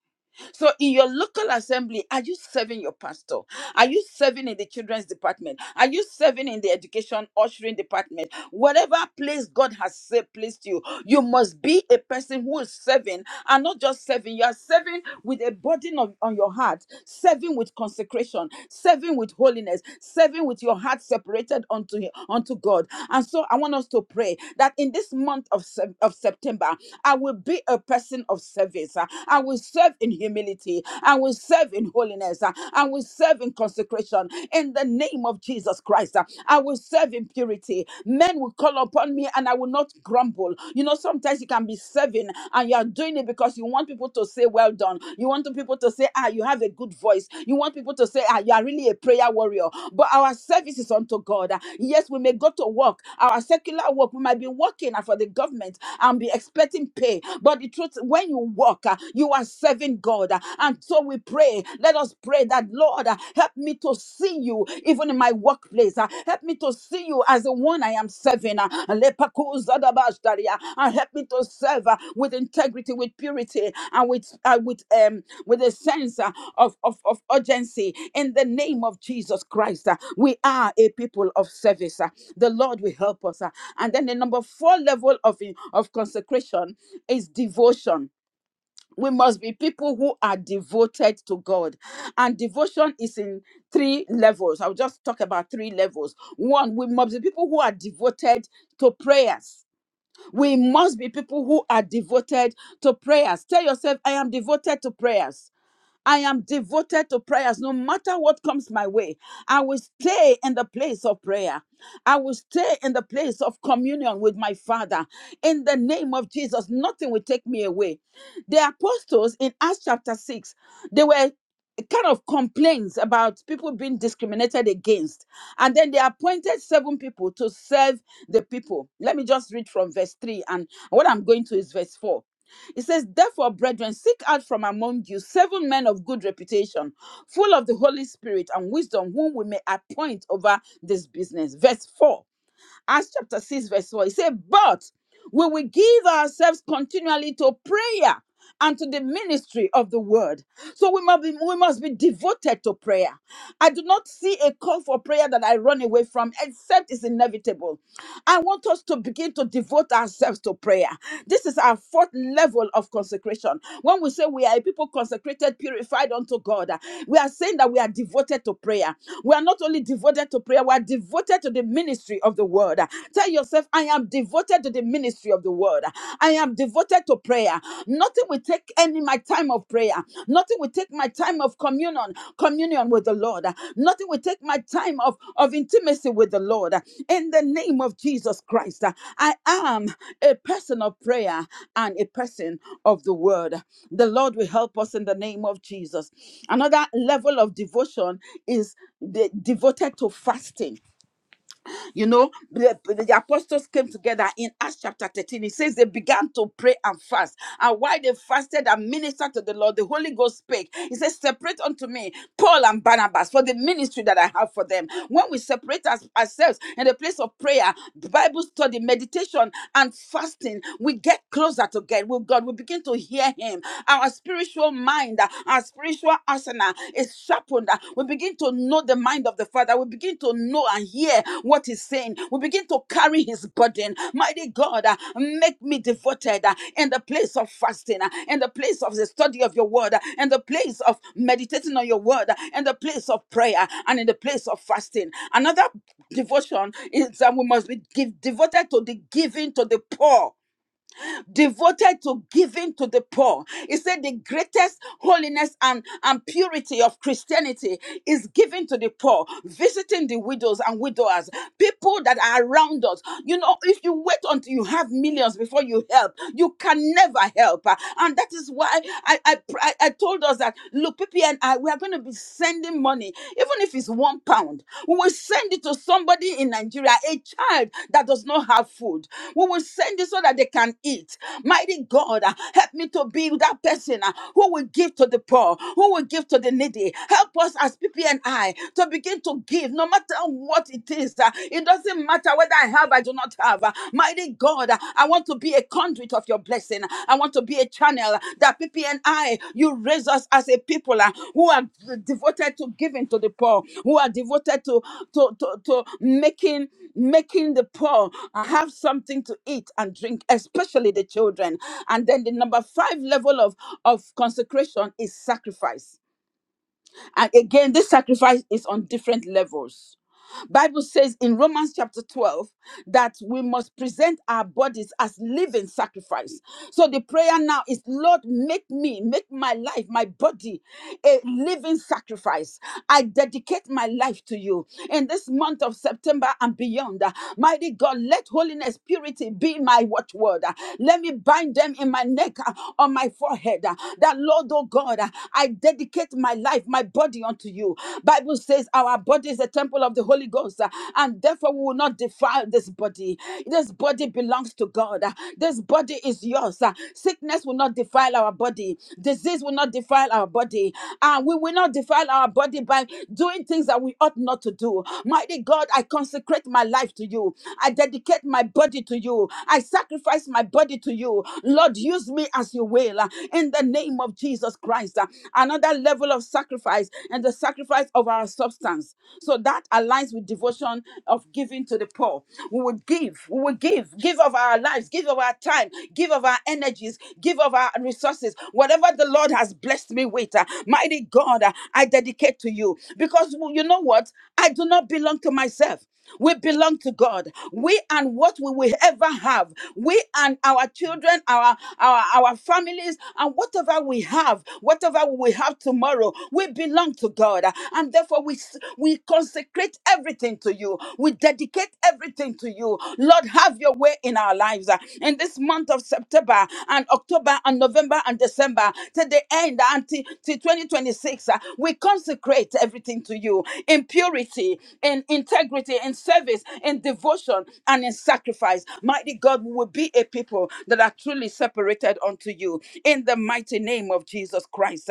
Speaker 1: so, in your local assembly, are you serving your pastor? Are you serving in the children's department? Are you serving in the education ushering department? Whatever place God has sa- placed you, you must be a person who is serving and not just serving. You are serving with a burden on, on your heart, serving with consecration, serving with holiness, serving with your heart separated unto, Him- unto God. And so I want us to pray that in this month of, Sep- of September, I will be a person of service. Uh, I will serve in humility. I will serve in holiness. Uh, I will serve in consecration in the name of Jesus Christ. Uh, I will will serve in purity. Men will call upon me and I will not grumble. You know, sometimes you can be serving and you are doing it because you want people to say, Well done. You want the people to say, Ah, you have a good voice. You want people to say, Ah, you are really a prayer warrior. But our service is unto God. Yes, we may go to work, our secular work, we might be working for the government and be expecting pay. But the truth, when you work, uh, you are serving God. And so we pray. Let us pray pray that, Lord, uh, help me to see you even in my workplace. uh, Help me to see you as the one I am serving. uh, Lepakuzadabashdaria, And help me to serve uh, with integrity, with purity, and with uh, with um with a sense uh, of, of, of urgency. In the name of Jesus Christ, uh, we are a people of service. uh, The Lord will help us. uh, And then the number four level of, of consecration is devotion we must be people who are devoted to God. And devotion is in three levels. I'll just talk about three levels. One, we must be people who are devoted to prayers. We must be people who are devoted to prayers. Tell yourself, I am devoted to prayers. I am devoted to prayers no matter what comes my way. I will stay in the place of prayer. I will stay in the place of communion with my Father. In the name of Jesus, nothing will take me away. The apostles in Acts chapter 6, they were kind of complaints about people being discriminated against. And then they appointed seven people to serve the people. Let me just read from verse 3. And what I'm going to is verse 4. It says, Therefore, brethren, seek out from among you seven men of good reputation, full of the Holy Spirit and wisdom, whom we may appoint over this business. Verse 4, Acts chapter 6, verse 4. It says, But we will give ourselves continually to prayer and to the ministry of the word. So we must be we must be devoted to prayer. I do not see a call for prayer that I run away from, except it's inevitable. I want us to begin to devote ourselves to prayer. This is our fourth level of consecration. When we say we are a people consecrated, purified unto God, uh, we are saying that we are devoted to prayer. We are not only devoted to prayer, we are devoted to the ministry of the word. Uh, Tell yourself, I am devoted to devoted to the ministry of the word. I am devoted to prayer. Nothing will take any my time of prayer. Nothing will take my time of communion, communion with the Lord. Nothing will take my time of, of intimacy with the Lord. In the name of Jesus Christ, I am a person of prayer and a person of the word. The Lord will help us in the name of Jesus. Another level of devotion is de- devoted to fasting you know, the, the apostles came together in Acts chapter 13. It says they began to pray and fast. And while they fasted and ministered to the Lord, the Holy Ghost spake. He says, Separate unto me Paul and Barnabas for the ministry that I have for them. When we separate us, ourselves in the place of prayer, Bible study, meditation, and fasting, we get closer to God. With God, we begin to hear Him. Our spiritual mind, uh, our spiritual spiritual arsenal is sharpened. uh, We begin to know the mind of the Father. We begin to know and hear what He's saying. We begin to carry His burden. Mighty God, uh, make me devoted uh, in the place of fasting, uh, in the place of the study of your word, uh, in the place of meditating on your word, uh, in the place of prayer, uh, and in the place of fasting. Another devotion is that we must be give, devoted to the giving to the poor devoted to giving to the poor. He said the greatest holiness and, and purity of Christianity is giving to the poor, visiting the widows and widowers, people that are around us. You know, if you wait until you have millions before you help, you can never help. And that is why I I, I, I told us that look, PPN, I we are going to be sending giving money, even if it's one pound, we will send it to somebody in Nigeria, a child that does not have food. We will send it so that they can eat. Mighty God, ah, help me to be that person ah, who will give to the poor, who will give to the needy. Help us as PPNI to begin to give, no matter what it is. ah. It doesn't matter whether I have, I do not have. ah. Mighty God, I want to be a conduit of your blessing. I want to be a channel that people and I, you raise us as a people uh, who are devoted to giving to the poor, who are devoted to to to, to making making the poor have something to eat and drink, especially the children. And then the number five level of of consecration is sacrifice. And again, this sacrifice is on different levels Bible says in Romans chapter 12 that we must present our bodies as living sacrifice. So the prayer now is Lord, make me, make my life, my body a living sacrifice. I dedicate my life to you in this month of September and beyond. uh, Mighty God, let holiness, purity be my watchword. uh, Let me bind them in my neck uh, on my forehead. uh, That Lord, oh God, uh, I dedicate my life, my body unto you. Bible says our body body is the temple of the Holy Ghost, uh, and therefore we will not defile this body. This body belongs to God. uh, This body is yours. uh, Sickness will not defile our body. Disease will not defile our body. And we will not defile our body by doing things that we ought not to do. Mighty God, I consecrate my life to you. I dedicate my body to you. I sacrifice my body to you. Lord, use me as you will. uh, In the name of Jesus Christ. uh, Another level of sacrifice and the sacrifice sacrifice of our substance. So that aligns with devotion of giving to the poor. We would give, we would give, give of our lives, give of our time, give of our energies, give of our resources. Whatever the Lord has blessed me with, uh, mighty God, uh, I dedicate to you. Because well, you know what? I do not belong to myself. We belong to God. We and what we will ever have. We and our children, our, our, our families, and whatever we have, whatever we will have tomorrow, we belong to God. And therefore, we, s- we consecrate everything to you. We dedicate everything to you. Lord, have your way in our lives. In this month of September and October and November and December to the end until till 2026. uh, We consecrate everything to you in purity, in integrity, in service, in devotion, and in sacrifice. Mighty God, we will be a people that are truly separated unto you in the mighty name of Jesus Christ.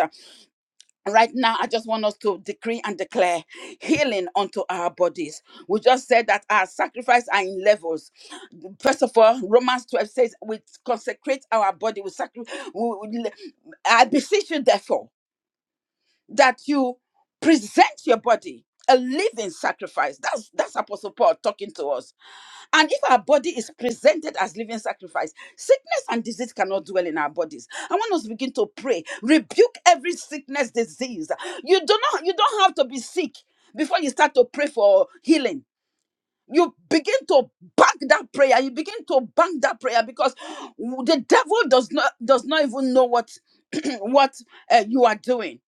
Speaker 1: Right now, I just want us to decree and declare healing unto our bodies. We just said that our sacrifice are in levels. First of all, Romans 12 says we consecrate our body. We sacrifice. I beseech you, therefore that you present your body a living sacrifice. That's that's Apostle Paul talking to us. And if our body is presented as living sacrifice, sickness and disease cannot dwell in our bodies. I want us to begin to pray, rebuke every sickness, disease. You do not, you don't have to be sick before you start to pray for healing. You begin to bank that prayer. You begin to bank that prayer because the devil does not does not even know what what uh, you are doing.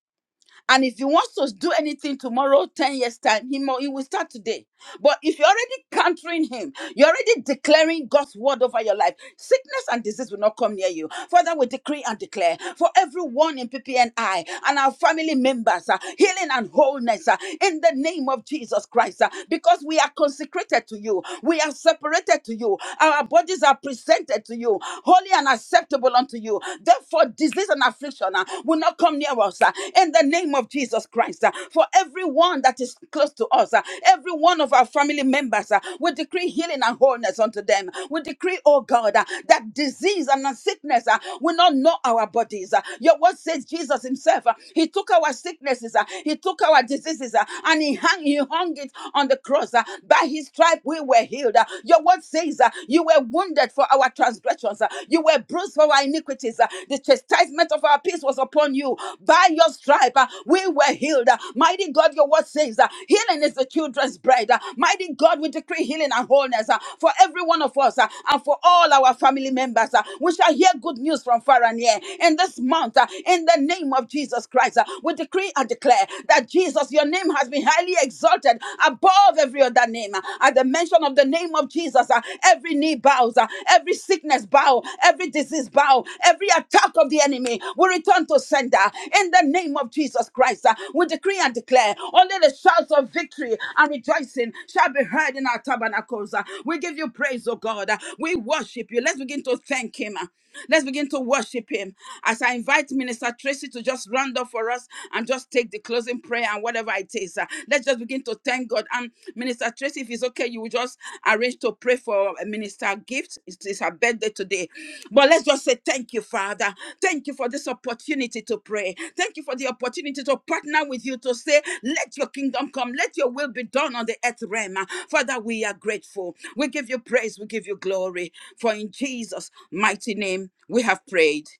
Speaker 1: And if he wants to do anything tomorrow, 10 years' time, he, mo- he will start today. But if you're already countering him, you're already declaring God's word over your life, sickness and disease will not come near you. Father, we decree and declare for everyone in PPNI and our family members, uh, healing and wholeness uh, in the name of Jesus Christ, uh, because we are consecrated to you, we are separated to you, our bodies are presented to you, holy and acceptable unto you. Therefore, disease and affliction uh, will not come near us. uh, in the the name of Jesus Christ, uh, for everyone that is close to us, uh, every one of our family members, uh, we decree healing and wholeness unto them. We decree, oh God, uh, that disease and that sickness uh, will not know our bodies. uh. Your word says Jesus Himself, uh, He took our sicknesses, uh, He took our diseases, uh, and He hung, He hung it on the cross. uh. By His stripe we were healed. uh. Your word says, uh, You were wounded for our transgressions, uh, you were bruised bruised for our iniquities. Uh, The chastisement of our peace was upon you. By your stripe, uh, we were healed. Uh, Mighty God, your word says, uh, healing is the children's bread. Uh, Mighty God, we decree healing and wholeness uh, for every one of us uh, and for all our family members. uh, We shall hear good news from far and near. In this month, uh, in the name of Jesus Christ, uh, we decree and declare that Jesus, your name has been highly exalted above every other name. Uh, At the mention mention of the name of Jesus, uh, every knee bows, uh, every sickness bow, every disease bow, every attack of the enemy will return to sender. In the name of Jesus Christ, uh, we decree and declare only the shouts of victory and rejoicing shall be heard in our tabernacles. uh. We give you praise, oh God. uh. We worship you. Let's begin to thank Him. Uh, Let's begin to worship him. As I invite Minister Tracy to just round up for us and just take the closing prayer and whatever it is. uh, let's just begin to thank God. And Minister Tracy, if it's okay, you will just arrange to pray for uh, Minister Gift. It's, it's her birthday today. But let's just say thank Thank you, Father. Thank you for this opportunity to pray. Thank you for the opportunity to partner with you to say, Let your kingdom come, let your will be done on the earth realm. Father, we are grateful. We give you praise, we give you glory. For in Jesus' mighty name we have prayed.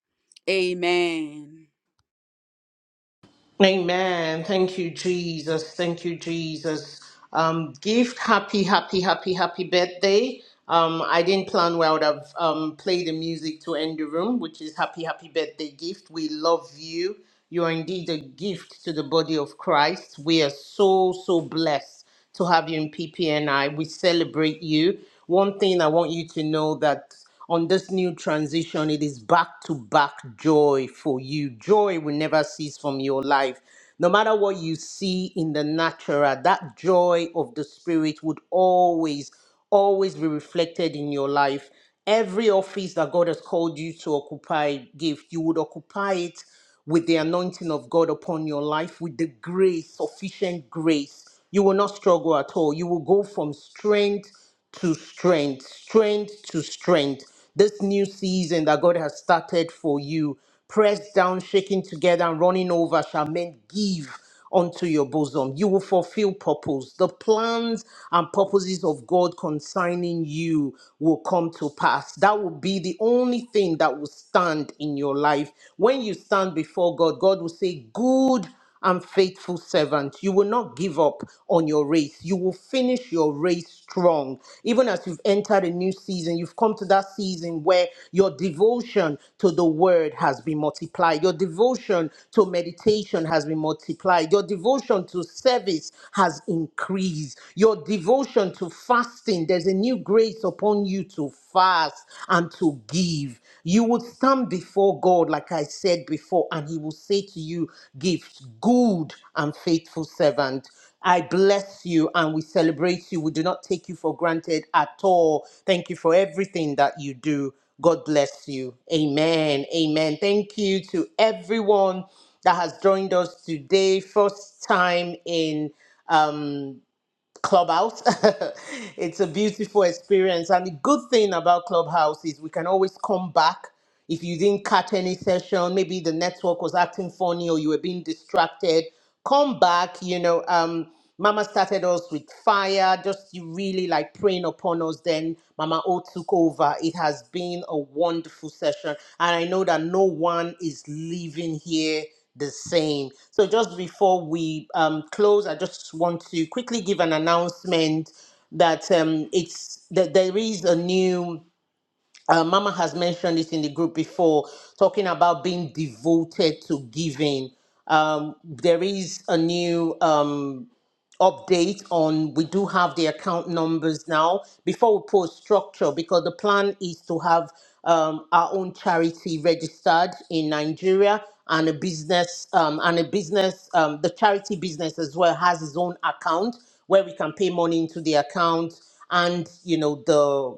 Speaker 1: Amen.
Speaker 3: Amen. Thank you, Jesus. Thank you, Jesus. Um, gift, happy, happy, happy, happy birthday. Um, I didn't plan well to have um, play the music to end the room, which is happy, happy birthday gift. We love you. You are indeed a gift to the body of Christ. We are so, so blessed to have you in PPNI. We celebrate you. One thing I want you to know that on this new transition, it is back to back joy for you. Joy will never cease from your life. No matter what you see in the natural, that joy of the spirit would always always be reflected in your life. Every office that God has called you to occupy, give, you would occupy it with the anointing of God upon your life, with the grace, sufficient grace. You will not struggle at all. You will go from strength to strength, strength to strength. This new season that God has started for you, pressed down, shaking together, and running over, shall men give unto your bosom. You will fulfill purpose. The plans and purposes of God concerning you will come to pass. That will be the only thing that will stand in your life. When you stand before God, God will say, Good and faithful servant. You will not give up on your race. You will finish your race strong. Even as you've entered a new season, you've come to that season where your devotion to the word has been multiplied. Your devotion to meditation has been multiplied. Your devotion to service has increased. Your devotion to fasting, there's a new grace upon you to fast and to to give. You would stand before God, like I said before, and He will say to you, Give good and faithful servant. I bless you and we celebrate you. We do not take you for granted at all. Thank you for everything that you do. God bless you. Amen. Amen. Thank you to everyone that has joined us today. First time in. Um, Clubhouse. it's a beautiful experience. And the good thing about Clubhouse is we can always come back. If you didn't catch any session, maybe the network was acting funny or you were being distracted, come back. You know, um, Mama started us with fire, just you really like praying upon us. Then Mama O took over. It has been a wonderful session. And I know that no one is leaving here the same. So, just before we um, close, I just want to quickly give an announcement that um, it's that there is a new uh, Mama has mentioned this in the group before, talking about being devoted to giving. Um, there is a new um, update on, we do have the account numbers now before we post structure, because the plan is to have um, our own charity registered in Nigeria and a business, um, and a business, um, the charity business as well has its own account where we can pay money into the account and you know the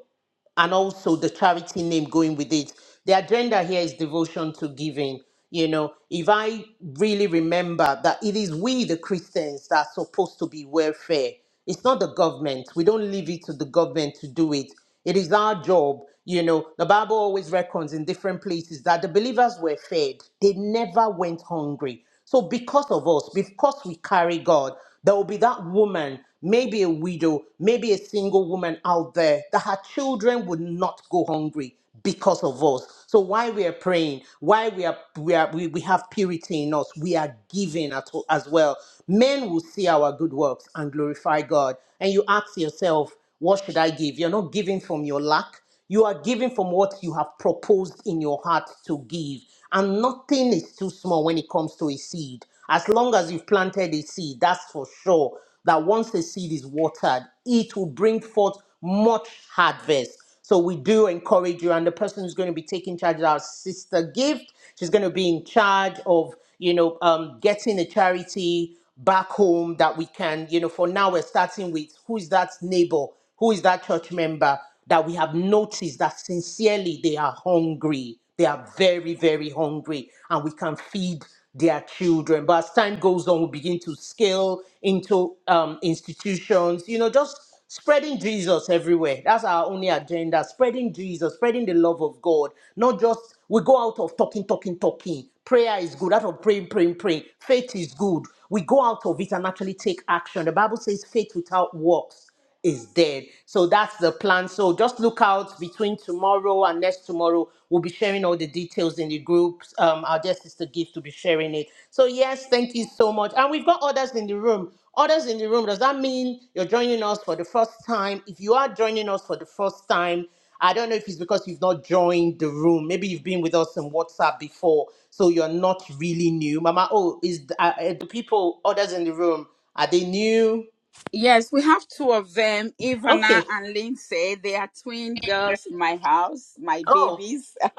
Speaker 3: and also the charity name going with it. The agenda here is devotion to giving. You know, if I really remember that it is we, the Christians, that are supposed to be welfare, it's not the government. We don't leave it to the government to do it. It is our job. You know, the Bible always reckons in different places that the believers were fed, they never went hungry. So, because of us, because we carry God, there will be that woman, maybe a widow, maybe a single woman out there, that her children would not go hungry because of us. So why we are praying, why we are we are we, we have purity in us, we are giving at, as well. Men will see our good works and glorify God. And you ask yourself, what should I give? You're not giving from your lack. You are giving from what you have proposed in your heart to give. And nothing is too small when it comes to a seed. As long as you've planted a seed, that's for sure that once the seed is watered, it will bring forth much harvest. So we do encourage you, and the person who's going to be taking charge is our sister gift. She's going to be in charge of, you know, um, getting a charity back home that we can, you know, for now we're starting with who's that neighbor who is that church member that we have noticed that sincerely they are hungry? They are very, very hungry, and we can feed their children. But as time goes on, we begin to scale into um, institutions, you know, just spreading Jesus everywhere. That's our only agenda spreading Jesus, spreading the love of God. Not just we go out of talking, talking, talking. Prayer is good, out of praying, praying, praying. Faith is good. We go out of it and actually take action. The Bible says faith without works is dead. So that's the plan. So just look out between tomorrow and next tomorrow. We'll be sharing all the details in the groups. Um, our dear sister Gift will be sharing it. So yes, thank you so much. And we've got others in the room. Others in the room. Does that mean you're joining us for the first time? If you are joining us for the first time, I don't know if it's because you've not joined the room. Maybe you've been with us on WhatsApp before, so you're not really new. Mama, oh, is uh, uh, the people others in the room are they new?
Speaker 1: Yes, we have two of them, Ivana
Speaker 3: Okay.
Speaker 1: and Lindsay. They are twin girls in my house, my
Speaker 3: Oh.
Speaker 1: babies.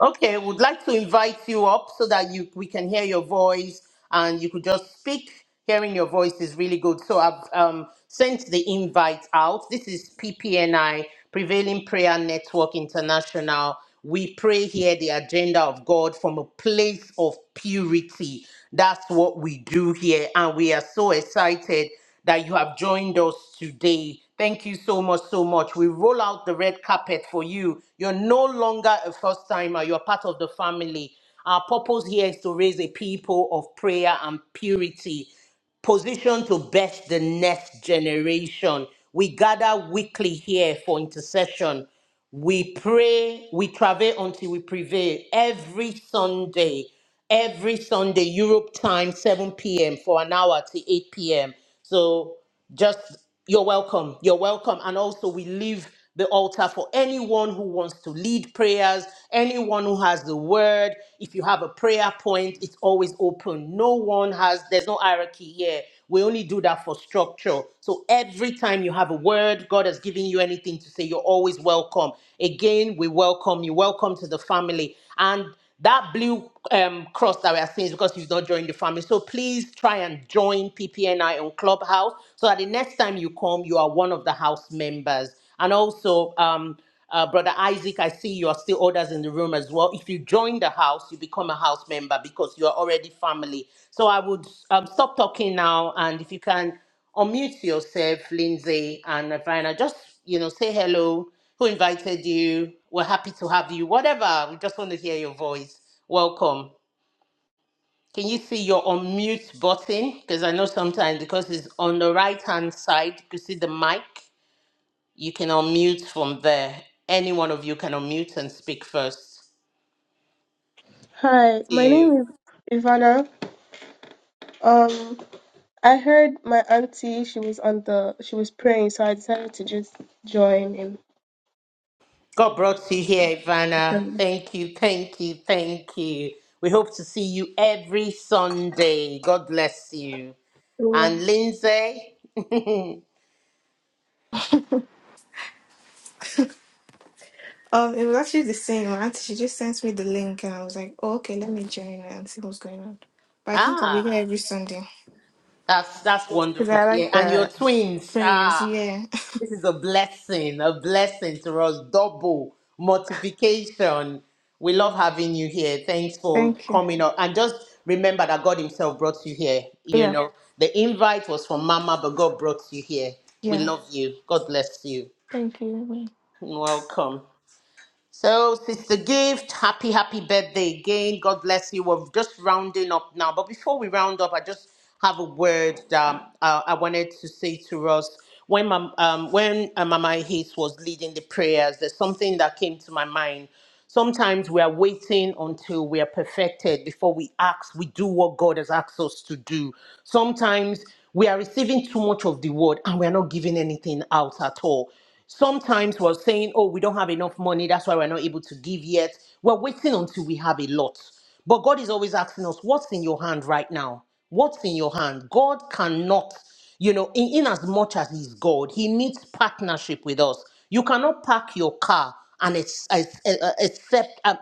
Speaker 3: Okay, would like to invite you up so that you we can hear your voice and you could just speak. Hearing your voice is really good. So I've um, sent the invite out. This is PPNI, Prevailing Prayer Network International. We pray here the agenda of God from a place of purity. That's what we do here. And we are so excited that you have joined us today. Thank you so much, so much. We roll out the red carpet for you. You're no longer a first timer, you're part of the family. Our purpose here is to raise a people of prayer and purity position to best the next generation. We gather weekly here for intercession. We pray, we travail until we prevail every Sunday, every Sunday, Europe time, 7 p.m. for an hour to 8 p.m. So just you're welcome you're welcome and also we leave the altar for anyone who wants to lead prayers anyone who has the word if you have a prayer point it's always open no one has there's no hierarchy here we only do that for structure so every time you have a word god has given you anything to say you're always welcome again we welcome you welcome to the family and that blue um, cross that we are seeing is because you've not joined the family. So please try and join PPNI on Clubhouse so that the next time you come, you are one of the house members. And also, um, uh, Brother Isaac, I see you are still others in the room as well. If you join the house, you become a house member because you are already family. So I would um, stop talking now, and if you can unmute yourself, Lindsay and Navina. Just, you know, say hello, who invited you. We're happy to have you. Whatever. We just want to hear your voice. Welcome. Can you see your unmute button? Because I know sometimes because it's on the right hand side, you can see the mic. You can unmute from there. Any one of you can unmute and speak first.
Speaker 4: Hi,
Speaker 3: Thank
Speaker 4: my
Speaker 3: you.
Speaker 4: name is Ivana. Um, I heard my auntie, she was on the, she was praying, so I decided to just join in
Speaker 3: God brought you here,
Speaker 4: the prayer.
Speaker 3: Ivana. Thank you, thank you, thank you. We hope to see you every Sunday. God bless you.
Speaker 4: It was
Speaker 3: and Lindsay.
Speaker 5: Um, it was actually the same. My auntie, she just sent me the link, and I was like, oh, okay, let me join and see what's going on. But I think I'll be
Speaker 3: ah,
Speaker 5: here Ah, every Sunday
Speaker 3: that's that's
Speaker 5: because
Speaker 3: wonderful
Speaker 5: I
Speaker 3: to
Speaker 5: like
Speaker 3: hear. And your
Speaker 5: the
Speaker 3: twins.
Speaker 5: prayers.
Speaker 3: Ah,
Speaker 5: Yeah.
Speaker 3: this is a blessing, a blessing to us. Double multiplication. We love having you here. Thanks for
Speaker 5: Thank you.
Speaker 3: coming up. And just remember that God Himself brought you here. You
Speaker 5: yeah.
Speaker 3: know, the invite was from Mama, but God brought you here. We
Speaker 5: Yeah.
Speaker 3: love you. God bless you.
Speaker 5: Thank you.
Speaker 3: Welcome. So, Sister Gift, happy, happy birthday again. God bless you. We're just rounding up now. But before we round up, I just have a word that uh, I wanted to say to us. When, Mam- um, when uh, Mama Hayes was leading the prayers, there's something that came to my mind. Sometimes we are waiting until we are perfected before we ask. we do what God has asked us to do. Sometimes we are receiving too much of the word and we are not giving anything out at all. Sometimes we're saying, oh, we don't have enough money. That's why we're not able to give yet. We're waiting until we have a lot. But God is always asking us, what's in your hand right now? What's in your hand? God cannot, you know, in, in as much as He's God, He needs partnership with us. You cannot park your car and it's, it's, uh, uh, accept. Uh,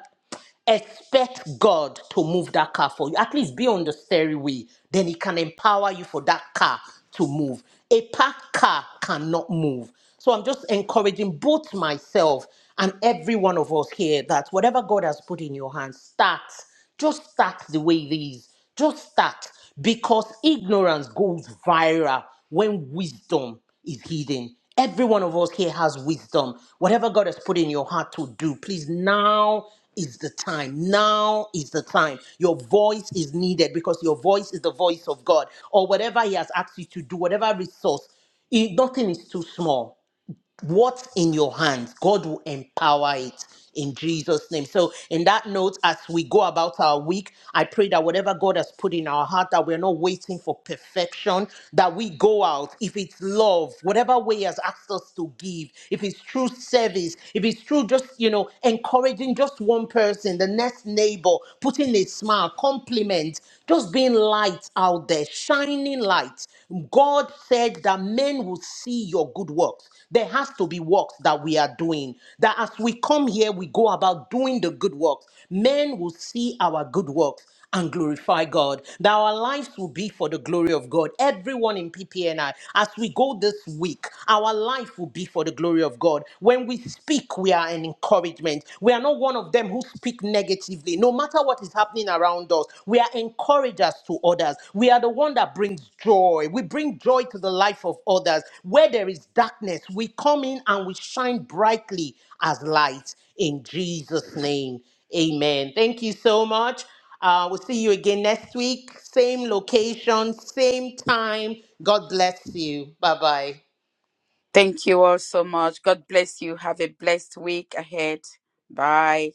Speaker 3: Expect God to move that car for you. At least be on the stairway. Then He can empower you for that car to move. A parked car cannot move. So I'm just encouraging both myself and every one of us here that whatever God has put in your hands, start. Just start the way it is. Just start because ignorance goes viral when wisdom is hidden. Every one of us here has wisdom. Whatever God has put in your heart to do, please now is the time. Now is the time. Your voice is needed because your voice is the voice of God or whatever He has asked you to do, whatever resource. it- nothing is too small what's in your hands, God will empower it in Jesus' name. So, in that note, as we go about our week, I pray that whatever God has put in our heart, that we're not waiting for perfection, that we go out. If it's love, whatever way He has asked us to give, if it's true service, if it's true just, you know, encouraging just one person, the next neighbor, putting a smile, compliment, just being light out out there shining light. God said that men will see your good works. There has to be works that we are doing. That as we come here, we go about doing the good works. Men will see our good works and glorify God. That our lives will be for the glory of God. Everyone in PPNI, as we go this week, our life will be for the glory of God. When we speak, we are an encouragement. We are not one one of them who speak negatively. No matter what is happening around us, we are encouragers to others. We are the one that brings joy. We bring joy to the life of others. Where there is darkness, we come in and we shine brightly as light in Jesus' name. Amen. Thank you so much. Uh, we'll see you again next week. Same location, same time. God bless you. Bye bye.
Speaker 1: Thank you all so much. God bless you. Have a blessed week ahead. Bye.